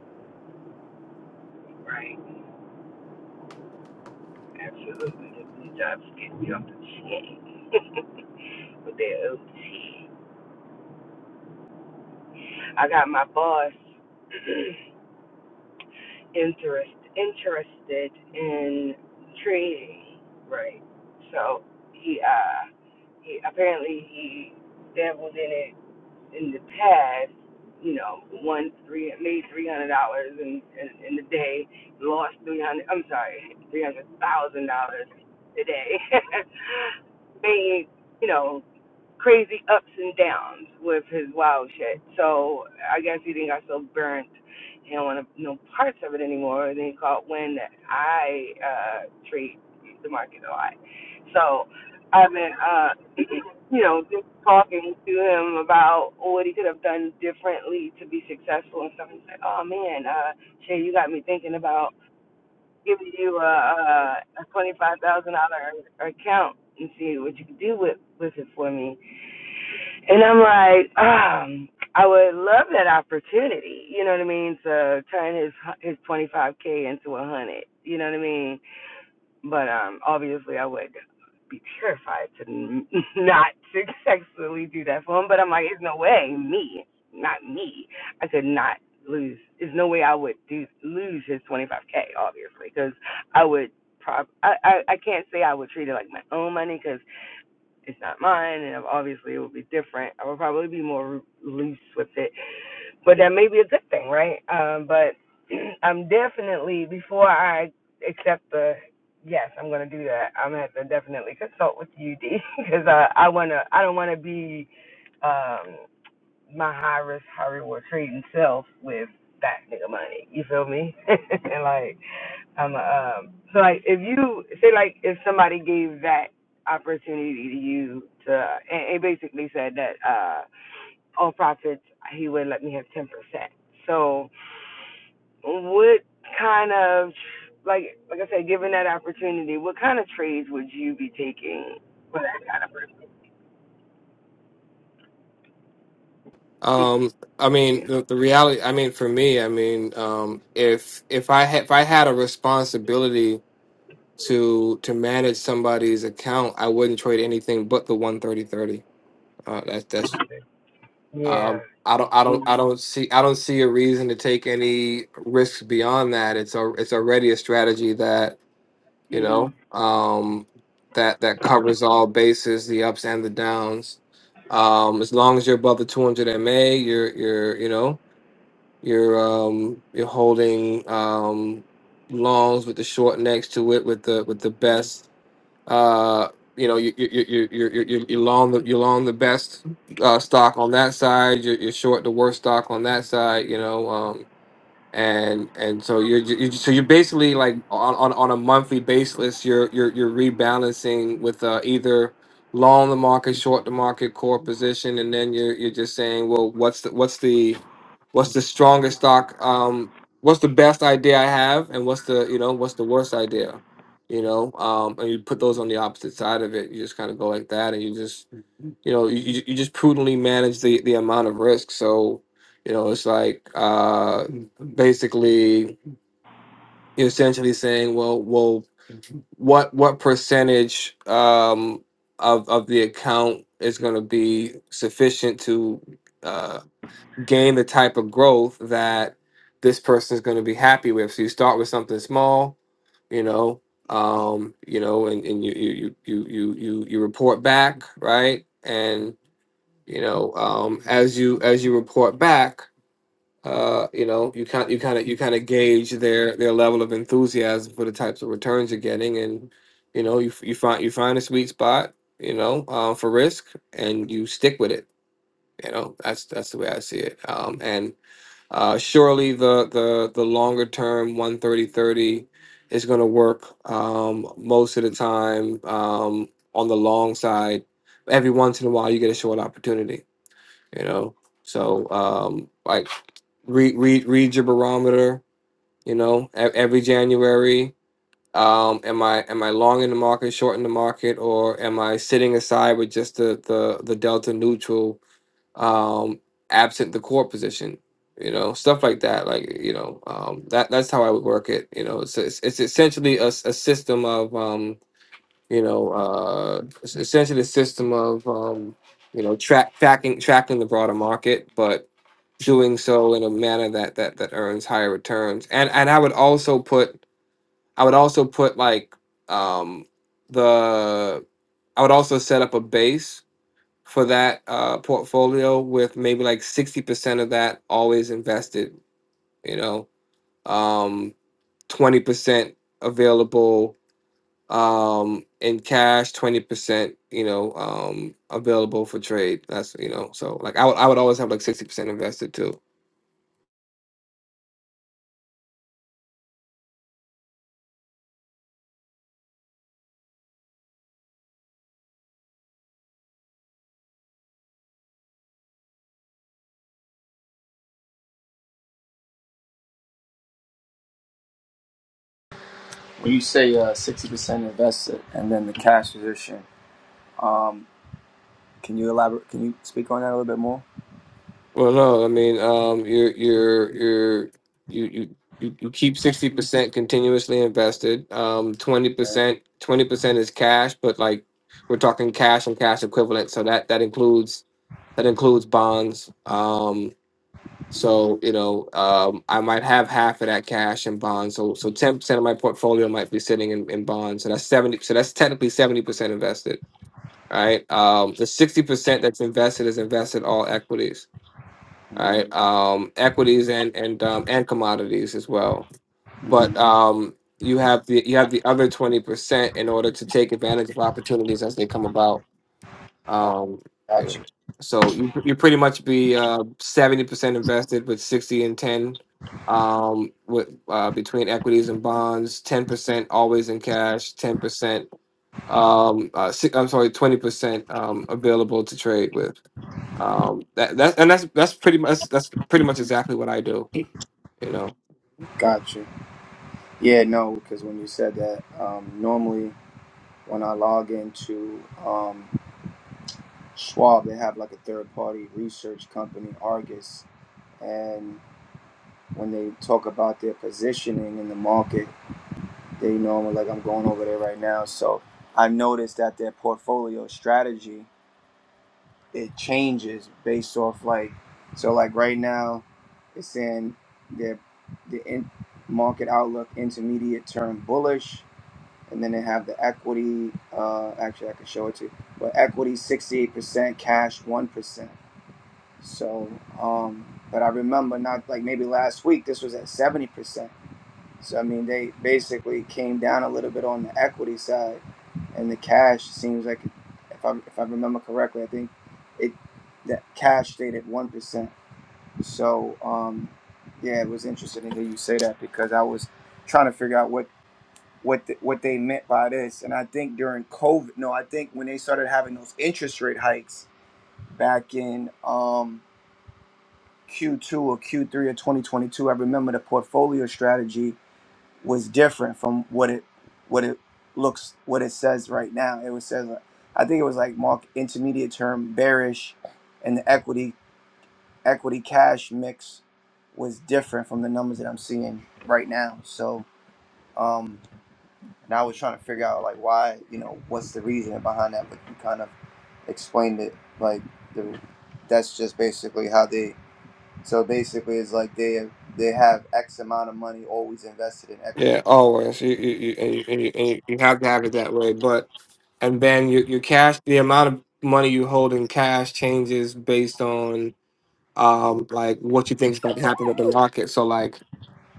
Um, I mean the, the reality. I mean for me, I mean um if if I had if I had a responsibility to to manage somebody's account, I wouldn't trade anything but the one thirty thirty. Uh, that's that's um, I don't I don't I don't see I don't see a reason to take any risks beyond that. It's a it's already a strategy that you know um, that that covers all bases, the ups and the downs. Um, as long as you're above the two hundred MA, you're you're you know you're um, you're holding um, longs with the short next to it with the with the best uh, you know, you you you you you you you long the you long the best uh, stock on that side. You're, you're short the worst stock on that side. You know, um, and and so you're, ju- you're so you're basically like on, on on a monthly basis. You're you're you're rebalancing with uh, either long the market, short the market, core position, and then you're you're just saying, well, what's the what's the what's the strongest stock um what's the best idea i have and what's the you know what's the worst idea you know um and you put those on the opposite side of it you just kind of go like that and you just you know you, you you just prudently manage the the amount of risk so you know it's like uh basically you're essentially saying well well what what percentage um of of the account is going to be sufficient to uh, gain the type of growth that this person is going to be happy with. So you start with something small, you know, um, you know, and, and you, you you you you you you report back, right? And you know, um, as you as you report back, uh, you know, you kind you kind of you kind of gauge their their level of enthusiasm for the types of returns you're getting, and you know, you f- you find you find a sweet spot, you know, uh, for risk, and you stick with it. You know, that's that's the way I see it. Um, and uh, surely the the the longer term one thirty thirty is going to work um, most of the time um, on the long side. Every once in a while, you get a short opportunity, you know. So um, like read read read your barometer, you know. E- Every January, um, am I am I long in the market, short in the market, or am I sitting aside with just the the the delta neutral? um, absent the core position. You know, stuff like that. Like you know, um, that that's how I would work it. You know, it's it's, it's essentially a, s- a system of um, you know, uh, it's essentially a system of um, you know, track tracking tracking the broader market, but doing so in a manner that that that earns higher returns. And and I would also put I would also put like um the I would also set up a base for that uh, portfolio with maybe like 60% of that always invested, you know, um, 20% available um, in cash, 20%, you know, um, available for trade. That's, you know, so like I would, I would always have like 60% invested too.
When you say uh, sixty percent invested and then the cash position, um, can you elaborate? Can you speak on that a little bit more?
Well, no, I mean, um, you're you're you're you you you you keep sixty percent continuously invested. Um, twenty
Okay.
percent twenty percent is cash, but like we're talking cash and cash equivalent, so that that includes that includes bonds. Um,
Mhm,
so you know, um, I might have half of that cash in bonds. So so ten percent of my portfolio might be sitting in, in bonds. So that's seventy. So that's technically seventy percent invested. Right. Um, the sixty percent that's invested is invested all equities
mhm,
Right, Um, equities and and um, and commodities as well. But
mhm.
um, you have the you have the other twenty percent in order to take advantage of opportunities as they come about.
Oh,
Um, you know,
Gotcha.
so you you pretty much be uh seventy percent invested with sixty and ten um with uh between equities and bonds 10% always in cash 10% um uh, si- i'm sorry 20% um available to trade with um, that, that and that's that's pretty much that's pretty much exactly what I do. You know.
Gotcha. Yeah, no, because when you said that, um, normally when I log into um, Schwab, they have like a third party research company, Argus. And when they talk about their positioning in the market, they normally like I'm going over there right now. So I noticed that their portfolio strategy it changes based off like so like right now it's saying their the in market outlook intermediate term bullish and then they have the equity uh actually I can show it to you but equity 68% cash 1% So, um, but I remember not like maybe last week, this was at 70%. So, I mean, they basically came down a little bit on the equity side, and the cash seems like, if I, if I remember correctly, I think it that cash stayed at 1%. So, um, yeah, it was interesting to hear you say that because I was trying to figure out what. What, the, what they meant by this and i think during covid no i think when they started having those interest rate hikes back in um, Q2 or Q3 of 2022, I remember the portfolio strategy was different from what it what it looks what it says right now. It was says uh, I think it was like mark intermediate term bearish, and the equity equity cash mix was different from the numbers that I'm seeing right now. So um, and I was trying to figure out like why you know what's the reason behind that, but you kind of explained it like the, that's just basically how they so basically, it's like they they have X amount of money always invested in equity.
Yeah, always. You you you, and you, and you, and you you have to have it that way. But and then your your cash, the amount of money you hold in cash changes based on um like what you think's about to happen with the market. So like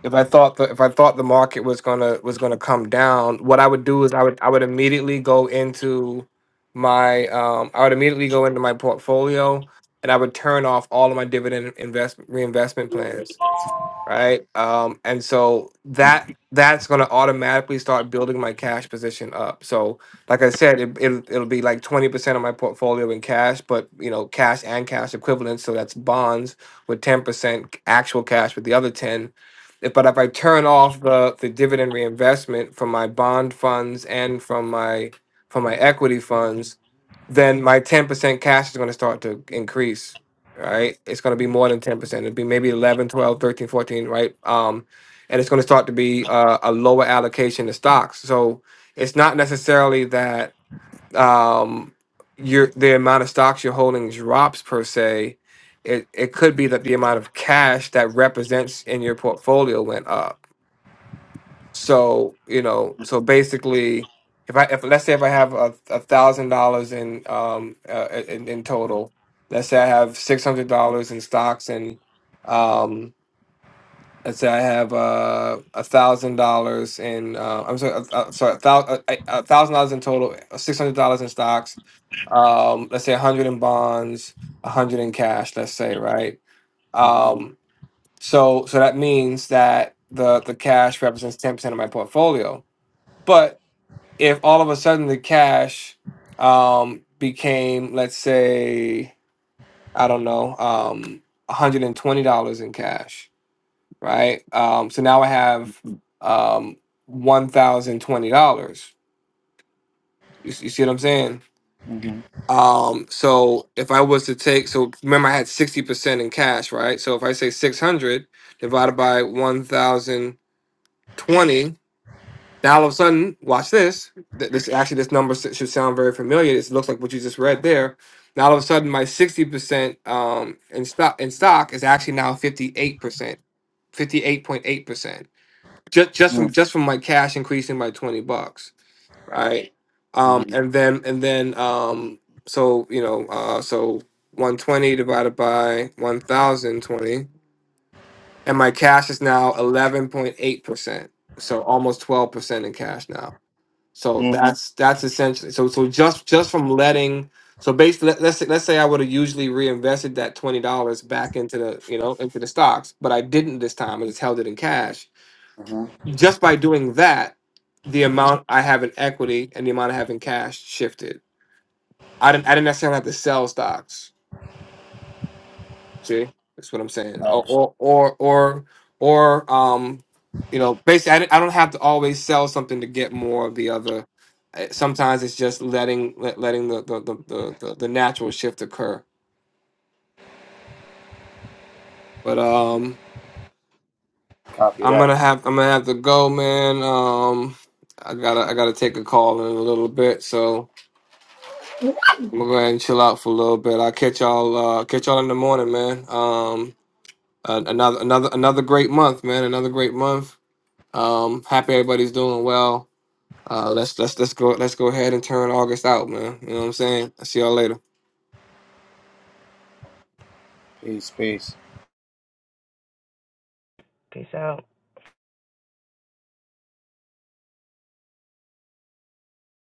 if I thought the if I thought the market was gonna was gonna come down, what I would do is I would I would immediately go into my um I would immediately go into my portfolio and I would turn off all of my dividend investment reinvestment plans right? Um, and so that
Mm-hmm.
that's going to automatically start building my cash position up. So, like I said, it, it'll, it'll be like twenty percent of my portfolio in cash, but you know, cash and cash equivalents. So that's bonds with ten percent actual cash with the other ten. If- But if I turn off the the dividend reinvestment from my bond funds and from my from my equity funds, then my ten percent cash is going to start to increase right? It's going to be more than 10%. It'll be maybe 11, 12, 13, 14. right? Um, and it's going to start to be uh, a lower allocation to stocks. So it's not necessarily that um, your the amount of stocks you're holding drops per se. It, it could be that the amount of cash that represents in your portfolio went up so you know, so basically, if I if let's say if I have a a thousand dollars in um uh, in, in total, let's say I have six hundred dollars in stocks and um let's say I have uh a thousand dollars in uh, I'm sorry, uh, uh, sorry a thousand a thousand dollars in total, six hundred dollars in stocks, um let's say a hundred in bonds, a hundred in cash, let's say right. Um, so so that means that the the cash represents ten percent of my portfolio but if all of a sudden the cash um, became, let's say, I don't know, um, $120 in cash, right? Um, so now I
Mm-hmm.
have um, $1,020. You, s- you see what I'm saying?
Mm-hmm.
Um, so if I was to take, so remember I had 60% in cash, right? So if I say 600 divided by 1,020, Now all of a sudden, watch this. Th- This actually, this number s- should sound very familiar. This looks like what you just read there. Now all of a sudden, my sixty percent um, in stock in stock is actually now fifty eight percent, fifty eight point eight percent, just just from just from my cash increasing by twenty bucks, right? Um, and then and then um, so you know uh, so one twenty divided by one thousand twenty, and my cash is now eleven point eight percent, so almost twelve percent in cash now so
Mm-hmm.
that's that's essentially so so just just from letting so basically let, let's say, let's say I would have usually reinvested that twenty dollars back into the you know into the stocks, but I didn't this time. I just held it in cash.
Mm-hmm.
Just by doing that, the amount I have in equity and the amount I have in cash shifted. I didn't I didn't necessarily have to sell stocks. See, that's what I'm saying. Or or or or, or um, you know, basically, I, don't- I don't have to always sell something to get more of the other. Uh, Sometimes it's just letting let, letting the the, the the the the natural shift occur. But um,
Copy
I'm
that.
gonna have I'm gonna have to go, man. Um, I gotta I gotta take a call in a little bit, so I'm gonna go ahead and chill out for a little bit. I'll catch y'all uh catch y'all in the morning, man. Um, uh, another another another great month, man. Another great month Um, happy everybody's doing well. Uh, let's let's let's go let's go ahead and turn August out, man. You know what I'm saying? I'll see y'all later.
Peace. Peace.